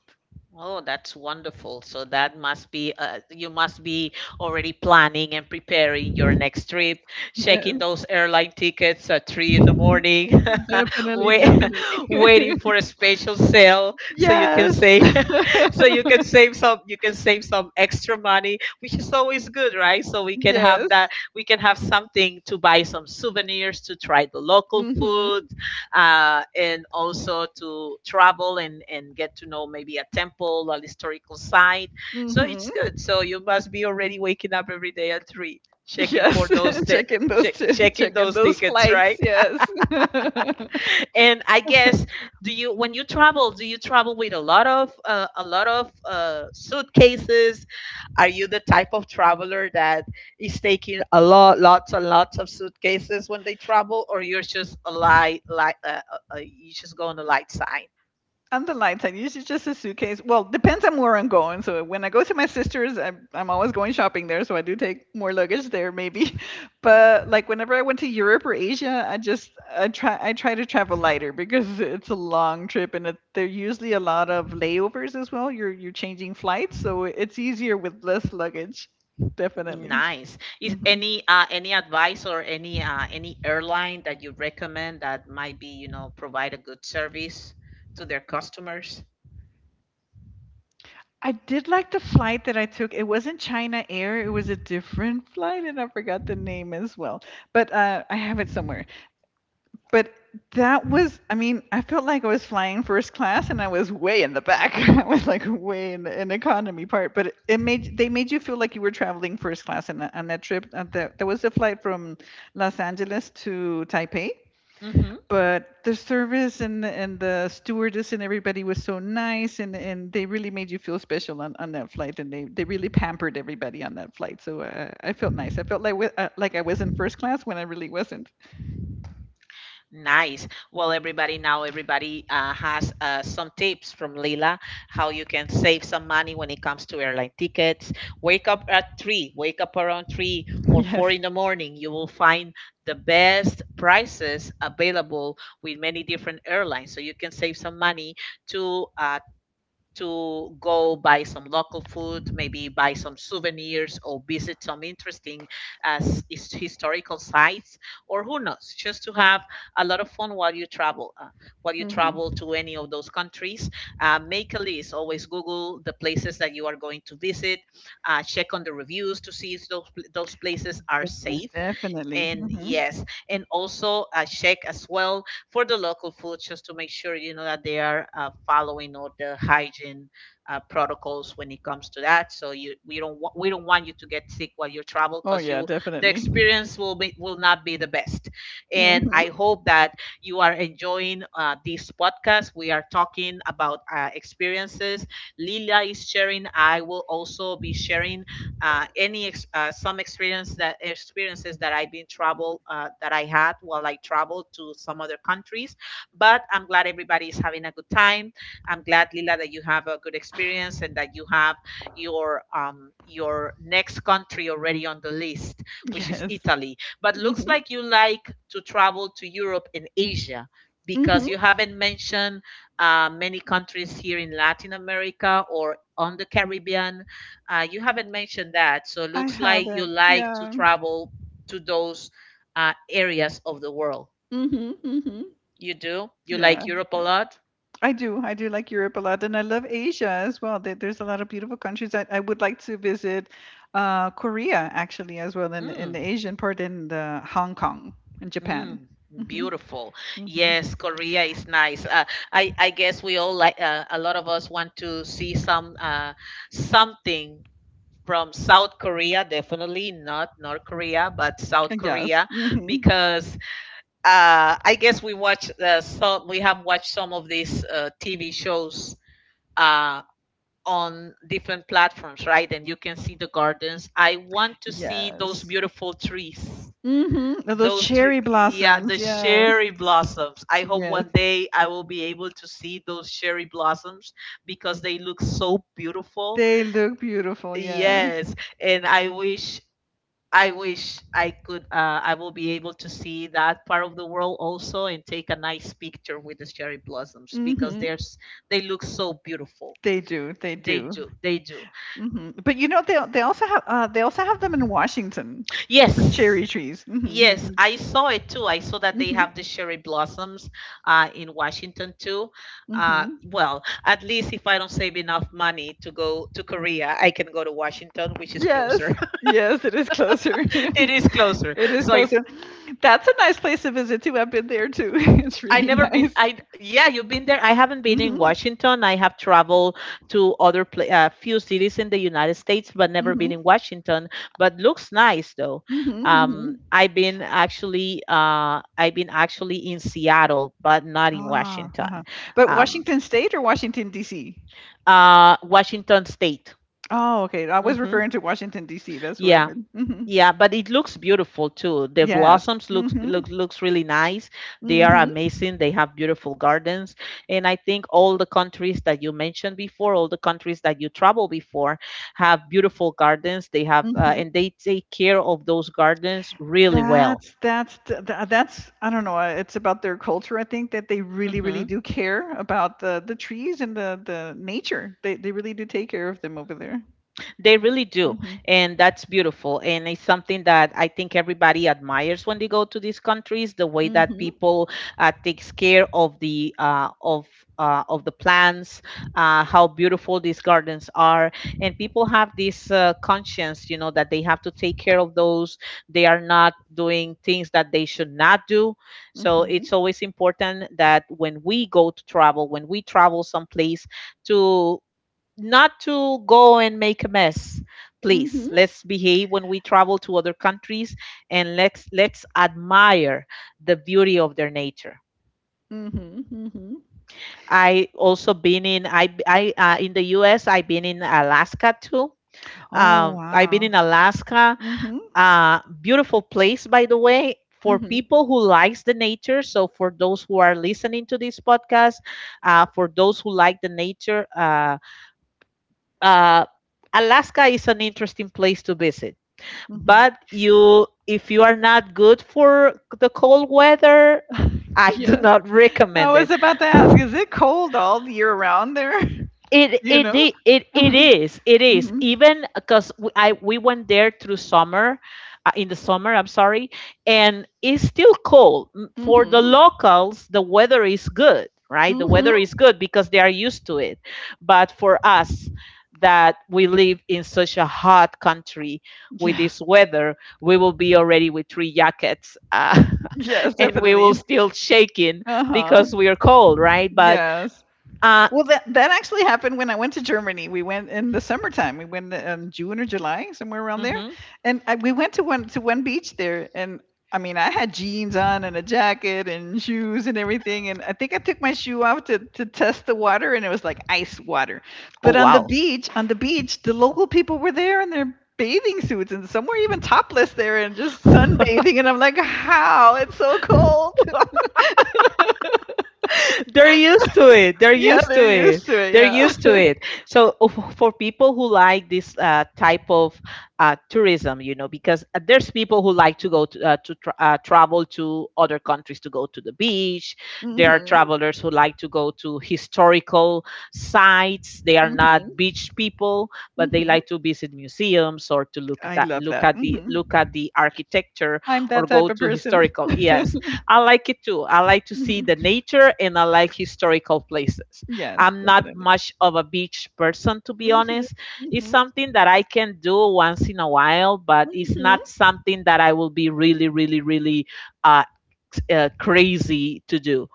Oh, that's wonderful. So that must be you must be already planning and preparing your next trip, checking
Yes,
those airline tickets at three in the morning.
definitely,
Wait,
definitely.
waiting for a special sale so you can
Yes.
save so you can save some you can save some extra money, which is always good, right? So we can have
Yes.
that we can have something to buy some souvenirs, to try the local food,
Mhm.
and also to travel and get to know maybe a temple, a historical site. So it's
Mhm.
good. So you must be already waking up every day at three, checking for
Yes. Check in those t-
checking
check in
those
those
tickets,
flights.
right?
Yes.
And I guess, do you when you travel, do you travel with a lot of suitcases? Are you the type of traveler that is taking a lot, lots and lots of suitcases when they travel, or you're just a light, light, you just go on the light side?
On the light side, usually just a suitcase. Well, depends on where I'm going. So when I go to my sister's, I'm always going shopping there, so I do take more luggage there maybe. But like whenever I went to Europe or Asia, I try to travel lighter because it's a long trip and there are usually a lot of layovers as well. You're changing flights, so it's easier with less luggage. Definitely.
Nice. Is
Mhm.
any advice or any airline that you recommend that might be, you know, provide a good service to their customers?
I did like the flight that I took. It wasn't China Air, it was a different flight, and I forgot the name as well. But I have it somewhere. But that was, I mean, I felt like I was flying first class, and I was way in the back. I was like way in the economy part. But it made they made you feel like you were traveling first class on that trip. That was a flight from Los Angeles to Taipei,
Hmm
but the service and the stewardess and everybody was so nice, and they really made you feel special on that flight, and they really pampered everybody on that flight. So I felt nice. I felt like I was in first class when I really wasn't.
Nice. Well, everybody now, everybody has some tips from Leila, how you can save some money when it comes to airline tickets. Wake up at three, wake up around three or four
Yes.
in the morning. You will find the best prices available with many different airlines. So you can save some money to uh, to go buy some local food, maybe buy some souvenirs or visit some interesting historical sites, or who knows, just to have a lot of fun while you travel. While you travel
Mm-hmm.
to any of those countries, make a list. Always Google the places that you are going to visit. Check on the reviews to see if those places are
Yes,
safe,
definitely.
and
Mm-hmm.
yes, and also check as well for the local food just to make sure you know that they are following all the hygiene protocols when it comes to that. So you we don't want you to get sick while you travel,
Oh,
because
yeah,
you the
definitely.
experience will be will not be the best. And I
Mm-hmm.
hope that you are enjoying this podcast. We are talking about experiences. Lila is sharing. I will also be sharing some experiences that I've been travel that I had while I traveled to some other countries. But I'm glad everybody is having a good time. I'm glad Lila that you have a good experience and that you have your next country already on the list, which is
Yes.
Italy. But looks
Mm-hmm.
like you like to travel to Europe and Asia because
Mm-hmm.
you haven't mentioned many countries here in Latin America or on the Caribbean. You haven't mentioned that, so
I
looks like you
haven't,
like to
yeah.
travel to those areas of the world.
Mm-hmm. Mm-hmm.
You do? You like
Yeah.
Europe a lot?
I do. I do like Europe a lot, and I love Asia as well. There's a lot of beautiful countries that I would like to visit. Korea, actually, as well, in
Mm,
the Asian part, in the Hong Kong and Japan.
mm,
Hmm.
beautiful.
Hmm.
Yes, Korea is nice. I guess we all like a lot of us want to see something from South Korea, definitely not North Korea, but South
Yes.
Korea,
Hmm.
because I guess we watch some we have watched some of these TV shows uh, on different platforms, right? And you can see the gardens. I want to see those
Yes.
beautiful trees.
Hmm. Those
Those tree,
cherry
yeah,
blossoms.
the
Yes.
cherry blossoms. I hope
Yes.
one day I will be able to see those cherry blossoms because they look so beautiful.
They look beautiful. Yes.
Yes, and I wish I wish I could I will be able to see that part of the world also and take a nice picture with the cherry blossoms because
Hmm.
there's they look so beautiful.
They do. They
They
do.
do. They do.
Hmm. But they also have they also have them in Washington. The
Yes.
cherry trees. Hmm. You
Yes,
can.
I saw it too. I saw that they have
Mm-hmm.
the cherry blossoms in Washington too. Uh,
Hmm.
well, at least if I don't save enough money to go to Korea, I can go to Washington, which is closer.
Yes. Yes, it is closer.
It is closer.
It is
So if
closer. That's a nice place to visit too. I've been there too. It's
I
really
never been.
nice.
I Yeah, you've been there. I haven't been
mm
in
hmm
Washington. I have traveled to other pla few cities in the United States, but never been in
mm
Washington. But looks nice though.
hmm hmm. Hmm.
I've been actually in Seattle, but not in
Ah,
Washington.
uh-huh. But
Um,
Washington State or Washington D.C.?
Washington State.
Oh, okay. I was
Hmm
referring to Washington D.C. That's where I've
Yeah,
been. Mm hmm
yeah, but it looks beautiful too. The
Yes.
blossoms
mm hmm
looks really nice. They
mm
are
hmm
amazing. They have beautiful gardens. And I think all the countries that you mentioned before, all the countries that you travel before have beautiful gardens. They have
mm
and
hmm
they take care of those gardens really well.
That's t tha that's I don't know, it's about their culture, I think, that they really, really
Mhm.
do care about the trees and the nature. They really do take care of them over there.
They really do.
Mhm.
And that's beautiful. And it's something that I think everybody admires when they go to these countries, the way that
Mhm.
people takes care of the of the plants, how beautiful these gardens are. And people have this conscience, you know, that they have to take care of those. They are not doing things that they should not do. So
Mhm.
it's always important that when we go to travel, when we travel someplace, to not to go and make a mess. Please,
Mhm.
let's behave when we travel to other countries, and let's admire the beauty of their nature.
Mhm. Mhm.
I in the us, I've been in Alaska too.
Oh,
I've been
wow.
in Alaska,
Mhm.
beautiful place by the way, for
Mhm.
people who likes the nature. So for those who are listening to this podcast, for those who like the nature, uh, Alaska is an interesting place to visit,
Mhm.
but you if you are not good for the cold weather, I do
Yeah.
not
I
recommend it.
was about to ask, is it cold all year round there? Do
It
you
it
know?
i- it it
Mhm.
is it is
Mhm.
even because I we went there through summer, in the summer. I'm sorry, and it's still cold for the
Mhm.
locals. The weather is good, right? The weather
Mhm.
is good because they are used to it, but for us that we live in such a hot country with
Yes.
this weather, we will be already with three jackets,
Yes,
and we will
definitely.
still shaking
Uh-huh.
because we are cold, right? But
Yes.
uh,
Well, that actually happened when I went to Germany. We went in the summertime. We went in June or July, somewhere around there,
mhm.
and we went to one beach there. And I mean, I had jeans on and a jacket and shoes and everything. And I think I took my shoe off to test the water, and it was like ice water.
Oh
But on the
wow,
beach, on the beach, the local people were there in their bathing suits, and some were even topless there and just sunbathing. And I'm like, how? It's so cold.
they're used to it. They're
Yeah,
used
they're
to it.
used to it.
They're
Yeah.
used to it. So oh, for people who like this type of tourism, you know, because there's people who like to go to, travel to other countries to go to the beach. There are
Hmm.
travelers who like to go to historical sites. They are not
Hmm.
beach people, but they
Mhm.
like to visit museums or to look at
I
that,
love that.
look at
Mhm.
the architecture
I'm
or
that
go
type of
to
person.
historical. Yes, I like it too. I like to see the
Mhm.
nature and I like historical places.
Yes,
I'm not
definitely.
much of a beach person, to be
Mhm.
honest. It's
Mhm.
something that I can do once in a while, but it's
Mhm.
not something that I will be really, really, really uh, crazy to do.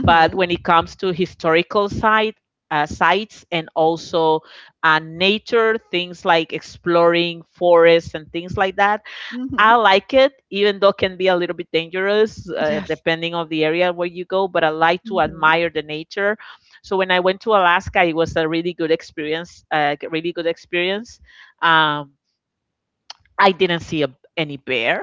But when it comes to sites and also nature, things like exploring forests and things like that,
Mhm.
I like it, even though it can be a little bit dangerous
Yes.
depending on the area where you go. But I like to
Mhm.
admire the nature. So when I went to Alaska, it was a really good experience. Really good experience. Um, I didn't see any bear.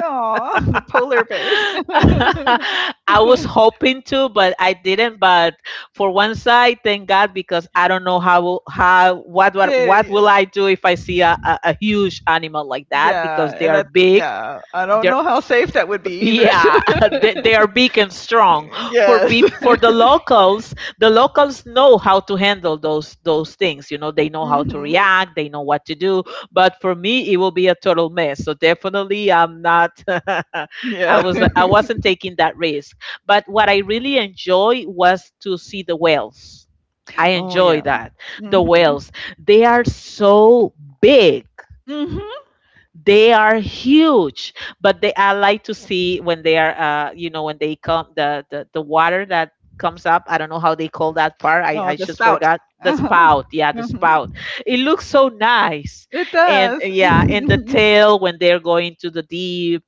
Aw, the polar bears.
I was hoping to, but I didn't. But for one side, thank God, because I don't know how what
They
will I do if I see a huge animal like that because
yeah,
they
and
are
that's
big.
yeah, I don't
They're,
know how safe that would be either.
yeah, they are big and
So.
strong.
Yes.
For the locals know how to handle those things. You know, they know how to
Mhm.
react, they know what to do. But for me, it will be a total mess. So definitely, I'm not.
Yeah.
I wasn't taking that risk. But what I really enjoy was to see the whales. I
Oh,
enjoy
yeah.
that. The
Mhm.
whales, they are so big,
Mhm.
they are huge. But they I like to see when they are you know when they come the water that comes up. I don't know how they call that part. i
Oh,
i
the
just
spout.
forgot. The
Uh-huh.
spout, yeah, the
Mhm.
spout. It looks so nice.
It
And
does.
yeah, and the tail when they're going to the deep,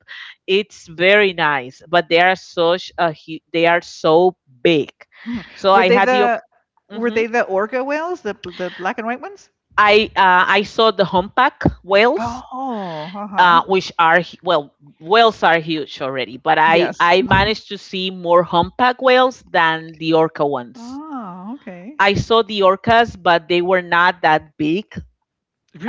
it's very nice. But they are such they are so big.
Mhm.
So
Were
I
they
had
the were
mhm.
they the orca whales, the black and white ones?
I I saw the humpback whales,
Oh, uh-huh.
well, whales are huge already. But i
Yes.
i managed to see more humpback whales than the orca ones.
Oh, okay.
I saw the orcas, but they were not that big.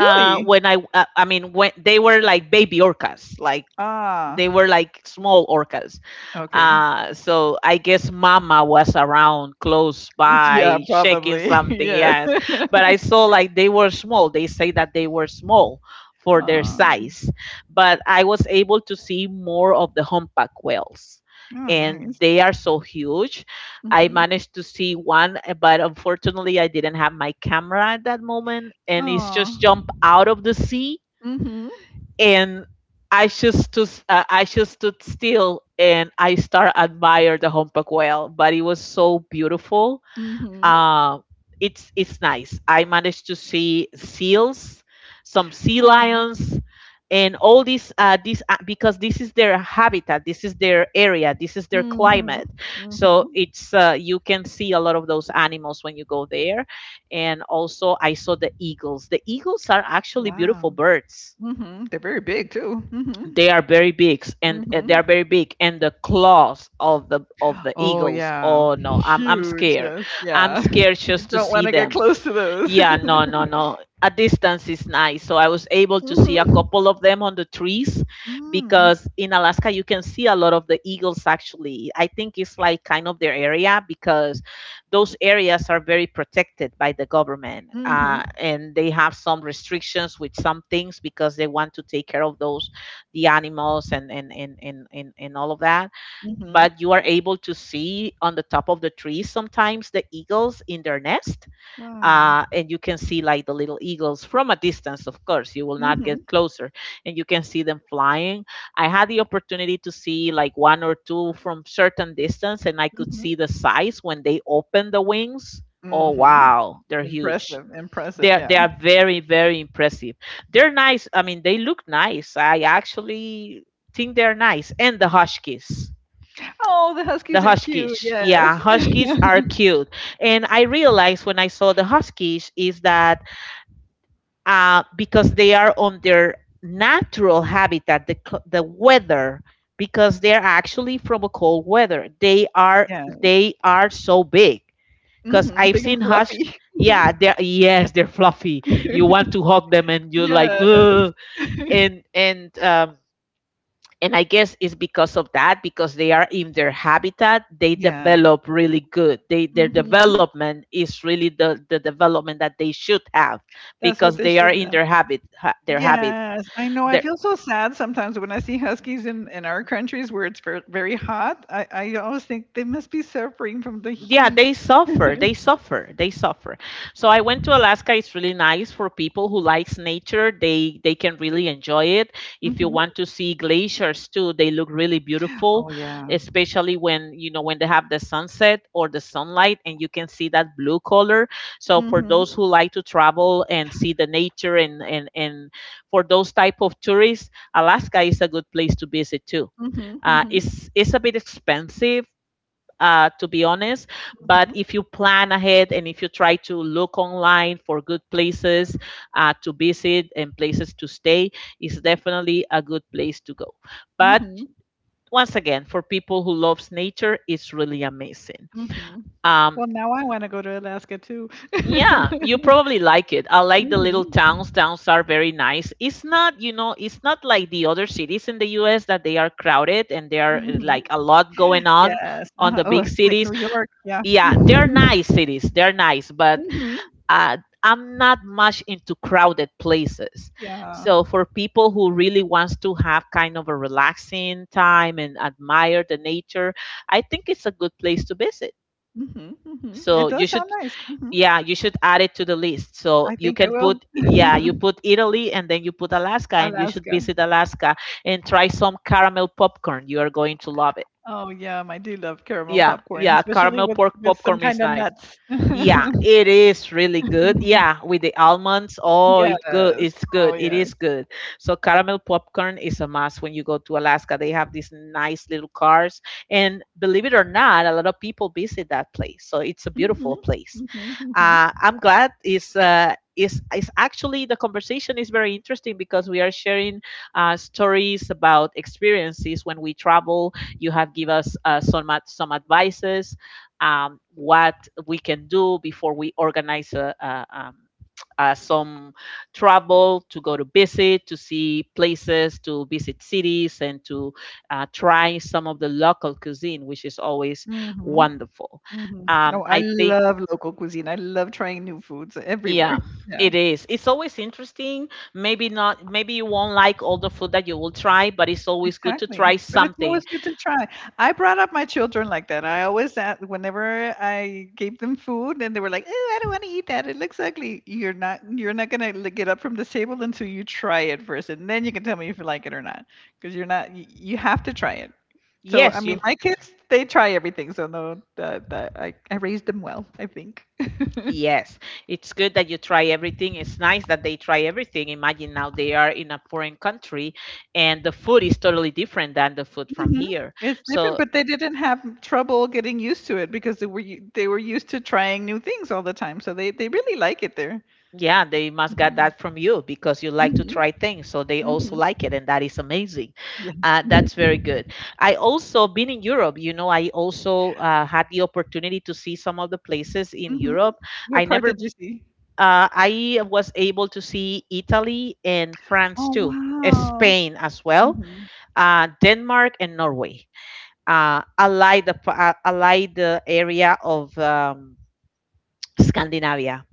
When I I mean, when they were like baby orcas, like,
Ah,
they were like small orcas,
okay.
so I guess Mama was around close
Yeah,
by shaking
probably.
something,
Yeah.
yes. But I saw like they were small. They say that they were small for their
Ah.
size, but I was able to see more of the humpback whales.
Oh,
And
nice.
they are so huge. I
Mm-hmm.
managed to see one, but unfortunately, I didn't have my camera at that moment, and it's
Oh.
just jumped out of the sea,
Mm-hmm.
and I just stood still, and I start admire the humpback whale. But it was so beautiful.
Mm-hmm.
Um, it's nice. I managed to see seals, some sea
Oh.
lions, and all these because this is their habitat, this is their area, this is their
Mm-hmm.
climate.
Mm-hmm.
So it's you can see a lot of those animals when you go there. And also I saw the eagles. The eagles are actually beautiful
Wow.
birds.
Mm-hmm. They're very big too. Mm-hmm.
They are very big, and
Mm-hmm.
the claws of the
Oh,
eagles,
yeah.
oh no, I'm
Huge,
scared.
yes,
I'm
yeah.
scared
You
just to
don't
see
wanna get
them.
close to those.
Yeah, no, no, no. A distance is nice. So I was able to see a
Mhm.
couple of them on the trees,
Mm.
because in Alaska you can see a lot of the eagles, actually. I think it's like kind of their area, because those areas are very protected by the government,
Mhm,
and they have some restrictions with some things because they want to take care of those, the animals, and all of that.
mhm.
But you are able to see on the top of the trees sometimes the eagles in their nest,
Wow.
and you can see like the little eagles from a distance. Of course, you will not
Mhm,
get closer, and you can see them flying. I had the opportunity to see like one or two from certain distance, and I could
mhm,
see the size when they open the wings. Oh
mhm.
wow, they're huge.
Impressive, impressive,
They
yeah.
are very impressive. They're nice, I mean, they look nice. I actually think they're nice. And the huskies,
Oh, the
the
huskies are cute,
huskies, yeah,
yes.
huskies are cute. And I realized when I saw the huskies is that, because they are on their natural habitat, the weather, because they are actually from a cold weather. They are,
Yeah.
they are so big. Because
Mhm,
I've
big
seen
and fluffy.
yeah, they're, yes, they're fluffy. You want to hug them, and you're like,
Yeah.
ugh. and and um, and I guess it's because of that, because they are in their habitat, they
Yeah.
develop really good. They, their
Mhm.
development is really the development that they should have,
That's what
because
they
they are
should
in their their habit.
yes, I know. I feel so sad sometimes when I see huskies in our countries where it's very hot. I always think they must be suffering from the
Yeah, they
heat.
suffer, they suffer, they suffer. So I went to Alaska. It's really nice for people who likes nature, they can really enjoy it. If you
Mhm.
want to see glaciers too, they look really beautiful,
Oh, yeah.
especially when, you know, when they have the sunset or the sunlight and you can see that blue color. So for
Mhm.
those who like to travel and see the nature and for those type of tourists, Alaska is a good place to visit too.
Mhm. Mhm.
It's a bit expensive, to be honest. But
Mhm.
if you plan ahead and if you try to look online for good places to visit and places to stay, it's definitely a good place to go. But
Mhm.
once again, for people who loves nature, it's really amazing.
Mhm.
Um,
Well, now I wanna go to Alaska too.
yeah, you probably like it. I like the little
Mhm.
towns. Towns are very nice. It's not, you know, it's not like the other cities in the US that they are crowded and there are like
Mhm.
a lot going
Yes.
on
Uh-huh.
the
Oh,
big
like
cities.
New York. Yeah.
Yeah, they're
Mhm.
nice cities, they're nice, but
Mhm.
uh, I'm not much into crowded places.
Yeah.
So for people who really wants to have kind of a relaxing time and admire the nature, I think it's a good place to visit.
Mhm. Mhm.
So
It
you
does
should,
sound nice. Mhm.
yeah, you should add it to the list, so
I
you
think I
can put,
will.
yeah, you put Italy and then you put Alaska, and you should
Alaska.
visit Alaska and try some caramel popcorn. You are going to love it.
Oh, yum, I do love caramel
Yeah,
popcorn,
yeah,
especially
caramel
with
pork
with some
popcorn is
kinda
nice.
nuts.
Yeah, it is really good. Yeah, with the almonds. Oh, it good.
Yes.
It's
Oh,
good. It
yes.
is good. So caramel popcorn is a must when you go to Alaska. They have these nice little cars, and believe it or not, a lot of people visit that place. So it's a
Mhm.
beautiful place.
Mhm, mhm.
I'm glad it's. Is actually the conversation is very interesting because we are sharing stories about experiences when we travel. You have give us some advices what we can do before we organize a, some travel to go to visit, to see places, to visit cities, and to try some of the local cuisine, which is always
Mhm.
wonderful.
Mhm. No, I
I think,
love local cuisine. I love trying new foods everywhere.
yeah,
Yeah.
it is. It's always interesting. Maybe not, maybe you won't like all the food that you will try, but it's always good to
Exactly,
try
but it's
something.
always good to try. I brought up my children like that. I always a whenever I gave them food and they were like, "Oh, I don't want to eat that. It looks ugly." You're not gonna get up from the table until you try it first, and then you can tell me if you like it or not. Because you're not you, you have to try it. So I
Yes,
mean,
you
my kids they try everything. So no, that I raised them well, I think.
Yes, it's good that you try everything. It's nice that they try everything. Imagine now they are in a foreign country and the food is totally different than the food from
Mhm.
here.
It's different,
So,
but they didn't have trouble getting used to it because they were used to trying new things all the time, so they really like it there.
yeah, they must got
Mhm.
that from you because you like to
Mhm.
try things. So they also
Mhm.
like it, and that is amazing.
Yeah.
That's very good. I also been in Europe. You know, I also had the opportunity to see some of the places in
Mhm.
Europe.
What
I
part did
never.
you see?
I was able to see Italy and France
Oh
too,
wow.
Spain as well,
Mhm.
Denmark and Norway, ally the area of Scandinavia,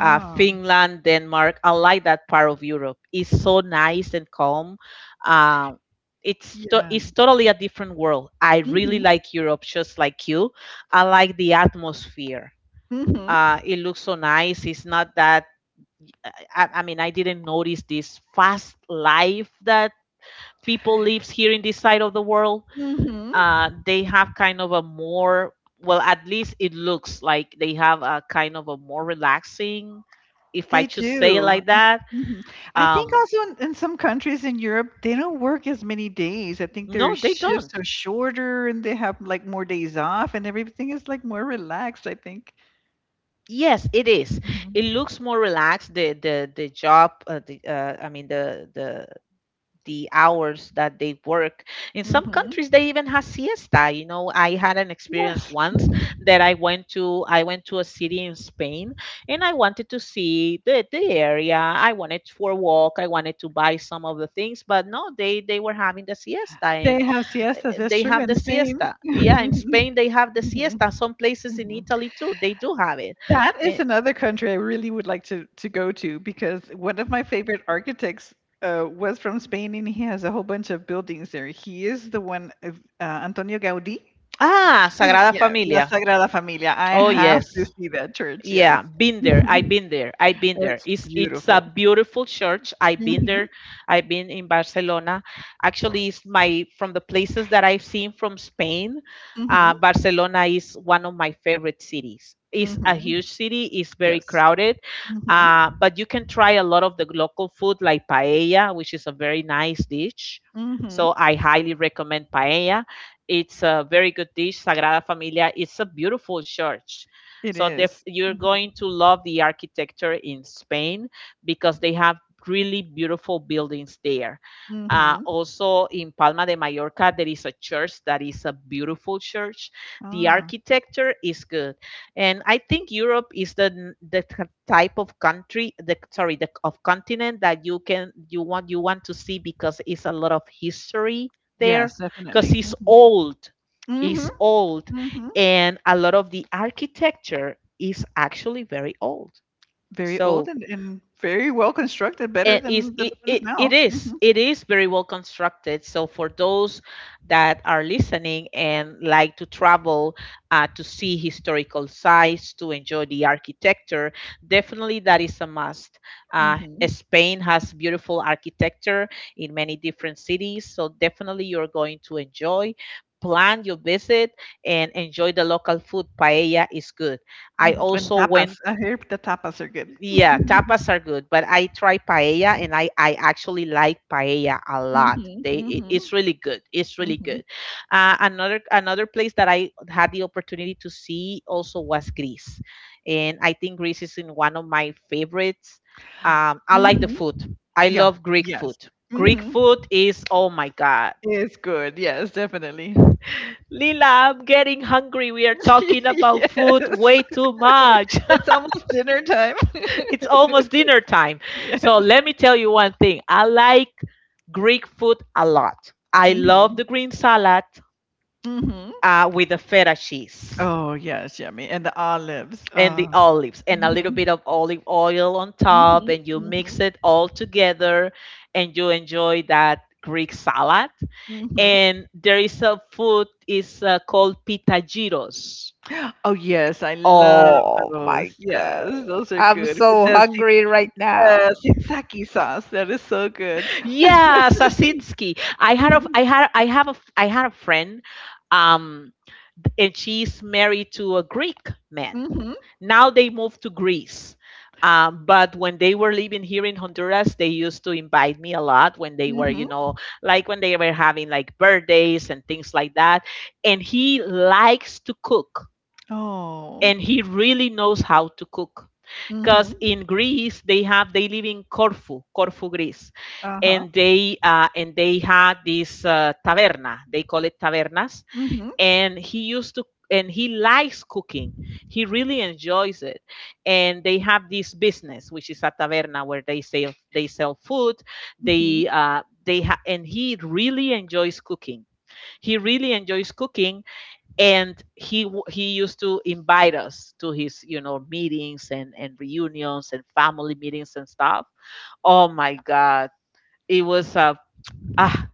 Finland, Denmark, ally that part of Europe. It's so nice and calm. Uh,
Yeah.
it's totally a different world. I really
Mhm.
like Europe, just like you. I like the atmosphere.
Mhm.
It looks so nice. It's not that. I mean, I didn't notice this fast life that people lives here in this side of the world. Uh,
Mhm.
they have kind of a more, well, at least it looks like they have a kind of a more relaxing, if I
They
should say it
do.
like
I
that.
mhm. I think
um
also in some countries in Europe, they don't work as many days. I think
no,
their
they
shifts
don't.
are shorter and they have, like, more days off and everything is, like, more relaxed, I think.
Yes, it is.
Mhm.
It looks more relaxed, the job the I mean the hours that they work. In some
Mhm.
countries, they even have siesta. You know, I had an experience
Yes.
once that I went to a city in Spain, and I wanted to see the area. I wanted for a walk. I wanted to buy some of the things, but no, they were having the siesta,
They
and
have siestas, that's
they
true
have
in
the
Spain.
siesta. Yeah, in Spain they have the
Mhm.
siesta. Some places in
Mhm.
Italy too, they do have it.
That is
Eh,
another country I really would like to go to because one of my favorite architects was from Spain and he has a whole bunch of buildings there. He is the one of Antonio Gaudí.
Sagrada
Yeah, La
Familia.
Sagrada Familia. I
Oh
have to
yes.
see that church. Yes,
Yeah, been there.
Mhm.
I've been there.
It's
It's a
beautiful.
beautiful church. I've been
Hmm.
there. I've been in Barcelona. Actually, it's my from the places that I've seen from Spain.
Hmm.
Barcelona is one of my favorite cities. It's a
Hmm.
huge city. It's very
Yes.
crowded,
Hmm.
but you can try a lot of the local food like paella, which is a very nice dish.
Hmm.
So I highly recommend paella. It's a very good dish. Sagrada Familia. It's a beautiful church,
It is.
you're
Mm-hmm.
going to love the architecture in Spain because they have really beautiful buildings there.
Mm-hmm.
Also in Palma de Mallorca, there is a church that is a beautiful church. The
Ah,
architecture is good, and I think Europe is the n- the t- type of country, the sorry, the of continent that you can you want to see because it's a lot of history there
yes,
because
definitely.
it's
Mm-hmm.
old. It's
Mm-hmm.
old
Mm-hmm.
and a lot of the architecture is actually very old.
Very old
So
and very well constructed, better
it is
than the ones now.
it is
Mhm,
it is very well constructed, so for those that are listening and like to travel, to see historical sites, to enjoy the architecture, definitely that is a must. uh,
mhm,
Spain has beautiful architecture in many different cities, so definitely you're going to enjoy, plan your visit and enjoy the local food. Paella is good. I
mhm, and
also went.
tapas. I hear the tapas are good.
Yeah, tapas are good, but I try paella and I actually like paella a lot.
Mhm,
It's
mhm,
really good. It's really
mhm,
good. Another place that I had the opportunity to see also was Greece, and I think Greece is in one of my favorites. I like the
mhm.
food. I
Yeah,
love Greek
yes.
food. Greek
Mhm.
food is oh my god.
It's good. Yes, definitely.
Lila, I'm getting hungry. We are talking about
Yes.
food way too much.
It's almost dinner time.
It's almost dinner time.
Yeah.
So let me tell you one thing. I like Greek food a lot. I love
Mhm,
the green salad
mhm.
with the feta cheese
Oh, yes, yummy. And the olives.
and the olives and a little
Mhm,
bit of olive oil on top,
mhm,
and you
mhm,
mix it all together and you enjoy that Greek salad.
mhm.
And there is a food is called pita gyros.
Oh, yes, I love
Oh my
those.
god.
Yes, those are
I'm
good. With
so
the
hungry right now.
tzatziki sauce, that is so good.
Yeah, Sasitsky.
Mhm,
I had a friend, um and she's married to a Greek man.
mhm,
Now they moved to Greece. But when they were living here in Honduras, they used to invite me a lot when they were, you
mhm.
know, like when they were having like birthdays and things like that. And he likes to cook
Oh.
and he really knows how to cook because
Mhm.
in Greece they live in Corfu, Corfu, Greece,
Uh-huh.
and they had this taverna. They call it tavernas,
Mhm,
and he used to and he likes cooking. He really enjoys it, and they have this business which is a taverna where they sell food.
mhm.
And he really enjoys cooking. He really enjoys cooking and he used to invite us to his, you know, meetings and reunions and family meetings and stuff. Oh my god, it was ah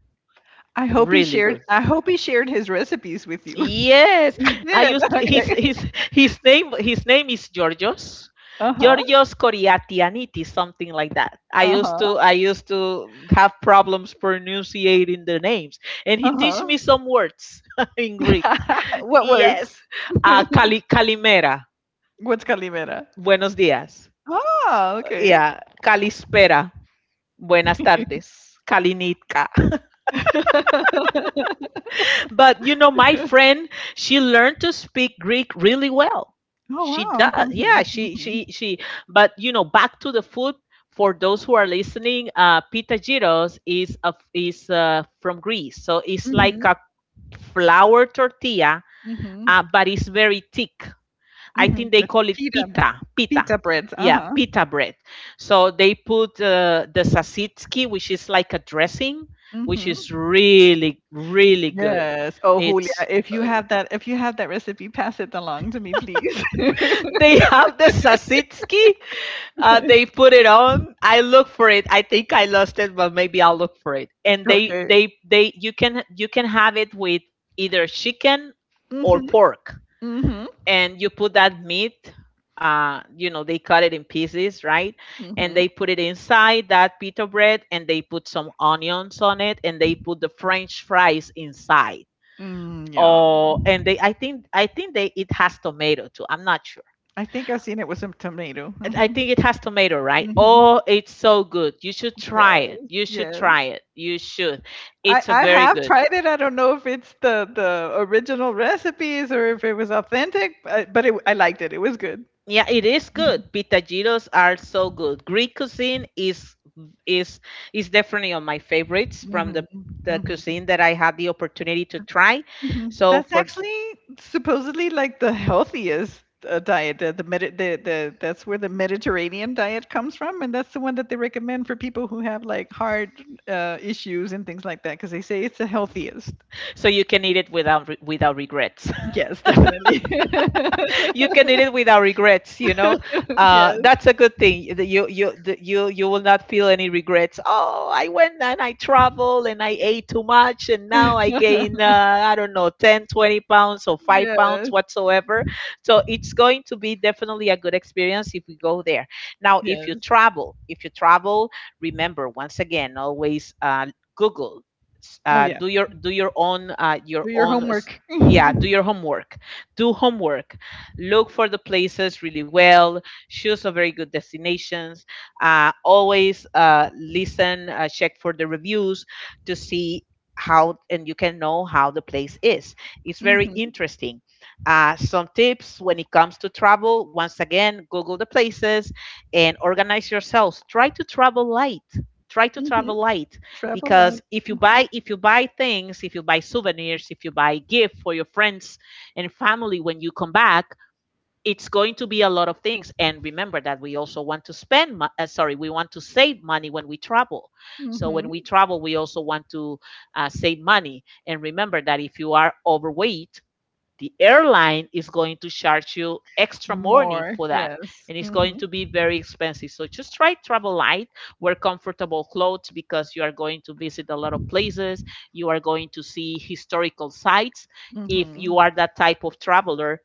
really good.
I hope he shared his recipes with you.
Yes,
He
I
did.
used to,
Okay.
his name is Georgios.
Uh-huh.
Georgios Koriatianitis, something like that.
Uh-huh.
I used to have problems pronunciating the names, and he teach me
Uh-huh.
some words in Greek.
What
Yes.
words?
Kalimera.
What's calimera?
Buenos días.
Ah, okay.
Yeah, Kalispera. Buenas tardes. Kalinitka. But you know, my friend, she learned to speak Greek really well.
Oh,
She
wow.
does. Yeah,
Mhm, mhm.
she. But you know, back to the food. For those who are listening, pita gyros is, from Greece, so it's like
Mhm,
a flour tortilla,
mhm,
but it's very thick. I
mhm.
think they
With
call it pita.
pita breads,
Yeah,
uh-huh.
pita bread. So they put the sasitski, which is like a dressing, which
Mhm.
is really, really good.
Yes. Oh, Julia,
It's
if you have that recipe, pass it along to me, please.
they have the sasitski. They put it on. I look for it. I think I lost it, but maybe I'll look for it. And
Okay.
they. You can have it with either chicken or
Mhm,
pork
mhm,
and you put that meat, you know, they cut it in pieces, right, and
mhm.
they put it inside that pita bread and they put some onions on it and they put the french fries inside.
Mm, yum.
Oh, and they, I think they it has tomato too. I'm not sure. i
I think I've seen it with some tomato.
I
Mhm,
think it has tomato, right?
mhm.
Oh, it's so good.
Yes, yes.
You should. It's a
I
very
have
good.
tried it. I don't know if it's the original recipes or if it was authentic, but I liked it. It was good.
Yeah, it is good.
Mhm,
Pitagiros are so good. Greek cuisine is is is definitely on my favorites from
mhm,
the
mhm,
cuisine that I had the opportunity to try.
mhm.
So
That's
for,
actually supposedly like the healthiest diet. The, Medi- the that's where the Mediterranean diet comes from, and that's the one that they recommend for people who have like heart issues and things like that, because they say it's the healthiest.
so you can eat it without without regrets.
Yes, definitely.
You can eat it without regrets.
Yes.
That's a good thing that you will not feel any regrets. Oh, I went and I traveled and I ate too much and now I gain, I don't know, 10, 20 pounds or 5 pounds
Yes.
whatsoever. So it's going to be definitely a good experience if we go there. Now if you
Yes.
travel if you travel remember, once again, always, Google,
Oh yes.
do your do your own uh, your
Do your
own s-
homework.
Yeah, do your homework. Do homework. Look for the places really well, choose a very good destinations, always, listen, check for the reviews to see how and you can know how the place is. It's very
Mhm.
interesting. Some tips when it comes to travel: once again, Google the places and organize yourselves. Try to travel light. try to
Mhm.
travel light
Travel
because
light. Mhm.
if you buy things if you buy souvenirs, if you buy gift for your friends and family, when you come back it's going to be a lot of things. And remember that we also want to spend mo- sorry we want to save money when we travel. So when
Mhm.
we travel we also want to save money. And remember that if you are overweight, the airline is going to charge you extra money
More.
for that,
Yes.
and it's going
Mhm.
to be very expensive. So just try travel light. Wear comfortable clothes, because you are going to visit a lot of places, you are going to see historical sites, if you
Mhm.
are that type of traveler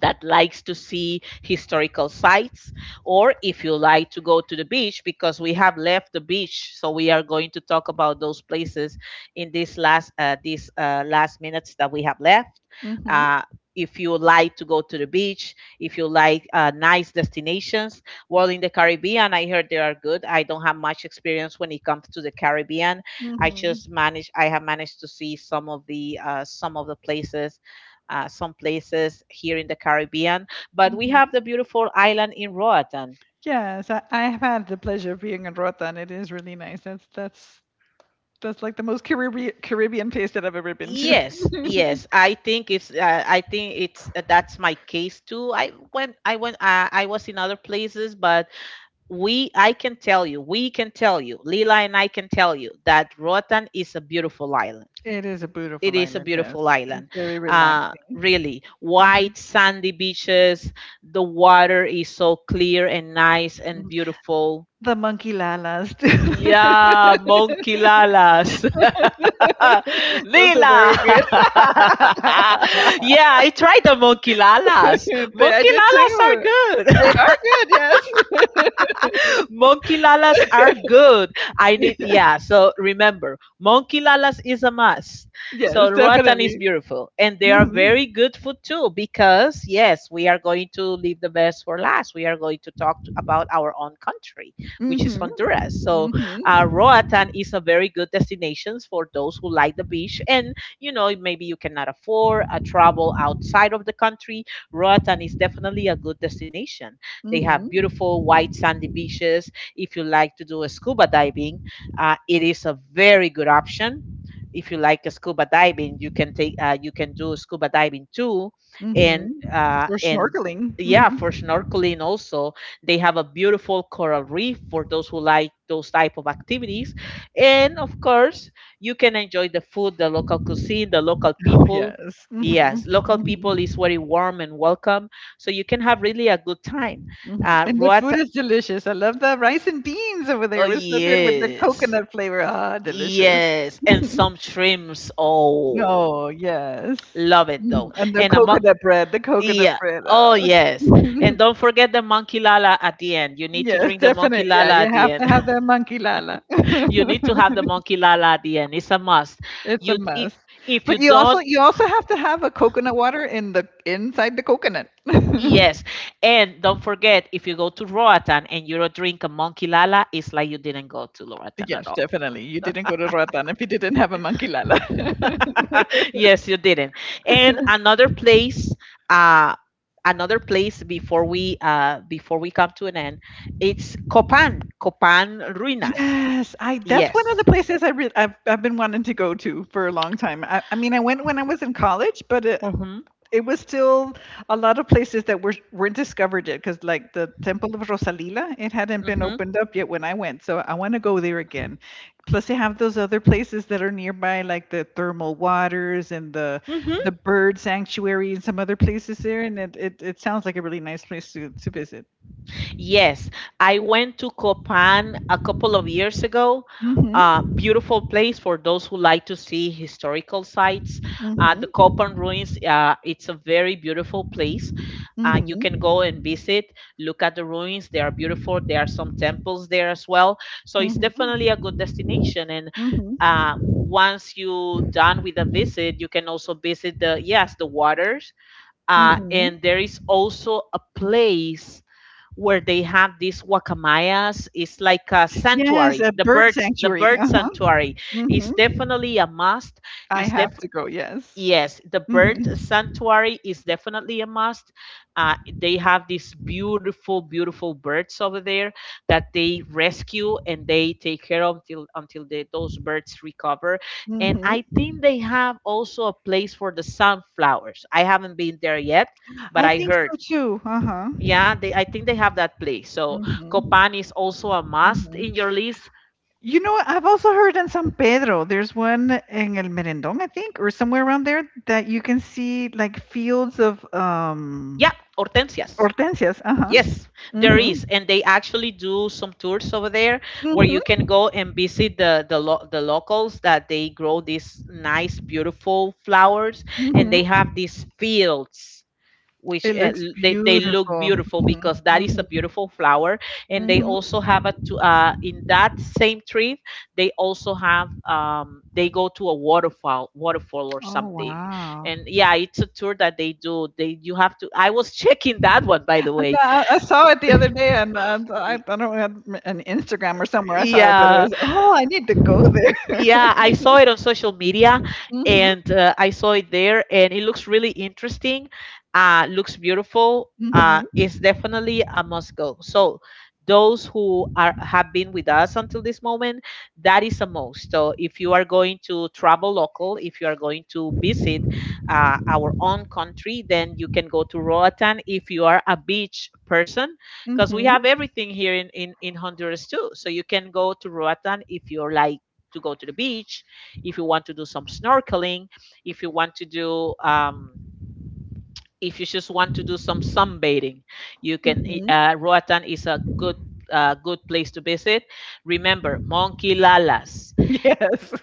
that likes to see historical sites. Or if you like to go to the beach, because we have left the beach, so we are going to talk about those places in this last, these last minutes that we have left.
Mhm.
uh, if you like to go to the beach, if you like nice destinations, well, in the Caribbean, I heard they are good. I don't have much experience when it comes to the Caribbean.
Mhm.
I have managed to see some of the, places, some places here in the Caribbean. But we have
Mhm.
the beautiful island in Roatan.
Yes, I have had the pleasure of being in Rota, and it is really nice. That's like the most Caribbean place that I've ever been to.
Yes, yes. I think it's. I think it's. That's my case too. I went. I went. I was in other places, but we. I can tell you, Lila and I can tell you that Roatan is a beautiful island.
It is a
It
beautiful
is a
island. Yes,
beautiful
it's
island.
very relaxing.
Really,
Mhm.
white sandy beaches. The water is so clear and nice and
Mhm.
beautiful.
The monkey lalas. Too.
Yeah, monkey lalas.
Those are
Lila.
very good.
Yeah, I tried the monkey lalas.
I
Monkey
did
lalas are
too.
good.
They are good. Yes.
Monkey lalas are good. Yeah. So remember, monkey lalas is a must. So
Yes,
Roatan is
definitely.
beautiful, and they are
Mhm.
very good food too. Because yes, we are going to leave the best for last. We are going to talk about our own country, which is
Mhm.
Honduras. So
Mhm.
Roatan is a very good destination for those who like the beach, and you know maybe you cannot afford a travel outside of the country. Roatan is definitely a good destination. They have
Mhm.
beautiful white sandy beaches. If you like to do a scuba diving, it is a very good option. If you like a scuba diving, you can do scuba diving too, and
Mhm.
uh,
Or
and
snorkeling.
yeah, for
Mhm.
snorkeling also, they have a beautiful coral reef for those who like those type of activities, and of course, you can enjoy the food, the local cuisine, the local
Oh,
people.
yes. Mhm.
Yes, local people is
Mhm.
very warm and welcome, so you can have really a good time.
Mhm. And the
What?
food is delicious. I love the rice and beans over
Oh,
there. It was so good with the
yes.
coconut flavor. Ah, delicious.
Yes. And some shrimps. Oh,
Oh, yes.
love it though.
Mhm. And the coconut
Yeah.
bread.
Oh,
Ah.
yes. And don't forget the monkey lala at the end. You need to
Yes,
drink the monkey
definite. Yeah,
lala
you
at the
have
end.
to have that monkey lala.
You need to have the monkey lala at the end. It's a must.
It's a
You i-
mess.
if you
But
don't,
you also have to have a coconut water in the inside the coconut.
yes. And don't forget, if you go to Roatan and you don't drink a monkey lala, it's like you didn't go to Roatan at
Yes,
all.
definitely. You didn't go to Roatan if you didn't have a monkey lala.
Yes, you didn't. And another place, uh, another place before we, before we come to an end, it's Copan, Copan Ruinas.
Yes, I that's one of the
Yes.
places I re- I've been wanting to go to for a long time. I mean, I went when I was in college, but
Mm-hmm.
it was still a lot of places that weren't discovered yet because like the temple of rosalila, it hadn't been
Mm-hmm.
opened up yet when I went, so I want to go there again. Plus they have those other places that are nearby like the thermal waters and the bird sanctuary and some other places there, and it sounds like a really nice place to visit.
Yes, I went to Copan a couple of years ago.
Mm-hmm.
Beautiful place for those who like to see historical sites. The
Mm-hmm.
Copan ruins, it's a very beautiful place. You can go
Mm-hmm.
and visit, look at the ruins. They are beautiful. There are some temples there as well. So it's definitely a
Mm-hmm.
good destination. And
Mm-hmm.
uh, once you done with a visit, you can also visit the, yes, the waters. And
Mm-hmm.
there is also a place where they have these wakamayas. It's like a
Yes,
sanctuary.
a
The
bird
birds, the
sanctuary,
bird
uh-huh.
sanctuary is
Mm-hmm.
definitely a must.
I
Is def
have to go, yes.
Yes, the bird
Mm-hmm.
sanctuary is definitely a must. Uh, they have these beautiful, beautiful birds over there that they rescue and they take care of until they, those birds recover. And I
Mm-hmm.
think they have also a place for the sunflowers. I haven't been there yet, but
I
I
think
heard
so too. Uh huh.
yeah, they, I think they have that place. So
Hmm.
Copan is also a must in
Hmm.
your list.
You know what? I've also heard in San Pedro, there's one in El Merendón, I think, or somewhere around there, that you can see like fields of
Yeah, Hortensias.
hortensias. Uh huh.
Yes, there is,
Mm-hmm.
and they actually do some tours over there where you
Mm-hmm.
can go and visit the locals that they grow these nice, beautiful flowers, and
Mm-hmm.
they have these fields which
It looks
they look
beautiful.
beautiful
Mm-hmm.
because that is a
Mm-hmm.
beautiful flower. And they
Mm-hmm.
also have a to in that same tree, they also have they go to a waterfall or
Oh
something.
wow!
And yeah, it's a tour that they do. They you have to I was checking that one, by
And
the way.
I saw it the other day, and I
Y-
don't know, on an Instagram or somewhere I saw it, but it
yeah.
was oh, I need to go there.
Yeah, I saw it on social media
Mm-hmm.
and I saw it there and it looks really interesting. Looks beautiful. It's definitely a must go. So those who are have been with us until this moment, that is a must. So if you are going to travel local, if you are going to visit our own country, then you can go to Roatan if you are a beach person, because we
Mhm,
have everything here in Honduras too. So you can go to Roatan if you're like to go to the beach, if you want to do some snorkeling, if you want to do if you just want to do some sunbathing, you can.
mhm.
Roatan is a good, good place to visit. Remember, monkey lalas.
Yes.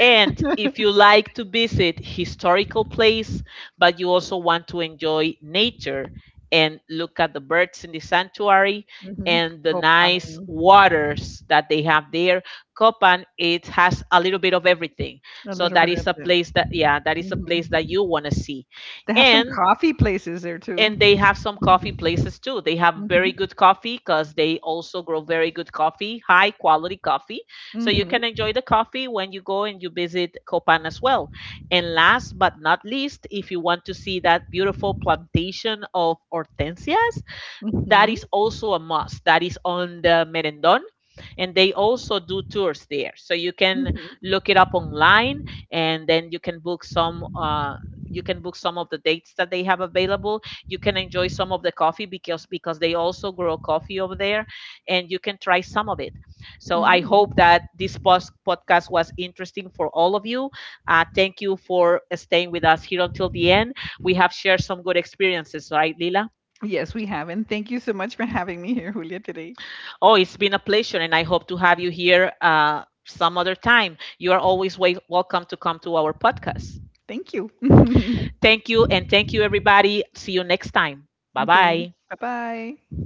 And if you like to visit historical place, but you also want to enjoy nature and look at the birds in the sanctuary
Mhm.
and the
Copan,
nice waters that they have there, Copan, it has a little bit of everything.
a
So
little
that
bit
is
of
a
the
place that yeah, that is a place that
Mhm.
you want to see.
They have some
And
coffee places there too.
and they have some coffee places too. They have very
Mhm,
good coffee because they also grow very good coffee, high quality coffee. So you
mhm,
can enjoy the coffee when you go and you visit Copan as well. And last but not least, if you want to see that beautiful plantation of hortensias, that
mhm,
is also a must. That is on the Merendon, and they also do tours there, so you can
mhm,
look it up online, and then you can book some, you can book some of the dates that they have available. You can enjoy some of the coffee, because they also grow coffee over there, and you can try some of it. So I hope
mhm.
that this podcast was interesting for all of you. Thank you for staying with us here until the end. We have shared some good experiences, right, Lila?
Yes, we have, and thank you so much for having me here, Julia, today.
Oh, it's been a pleasure, and I hope to have you here some other time. You are always welcome to come to our podcast.
Thank you.
Thank you, and thank you, everybody. See you next time. Bye
Okay.
bye.
Bye-bye.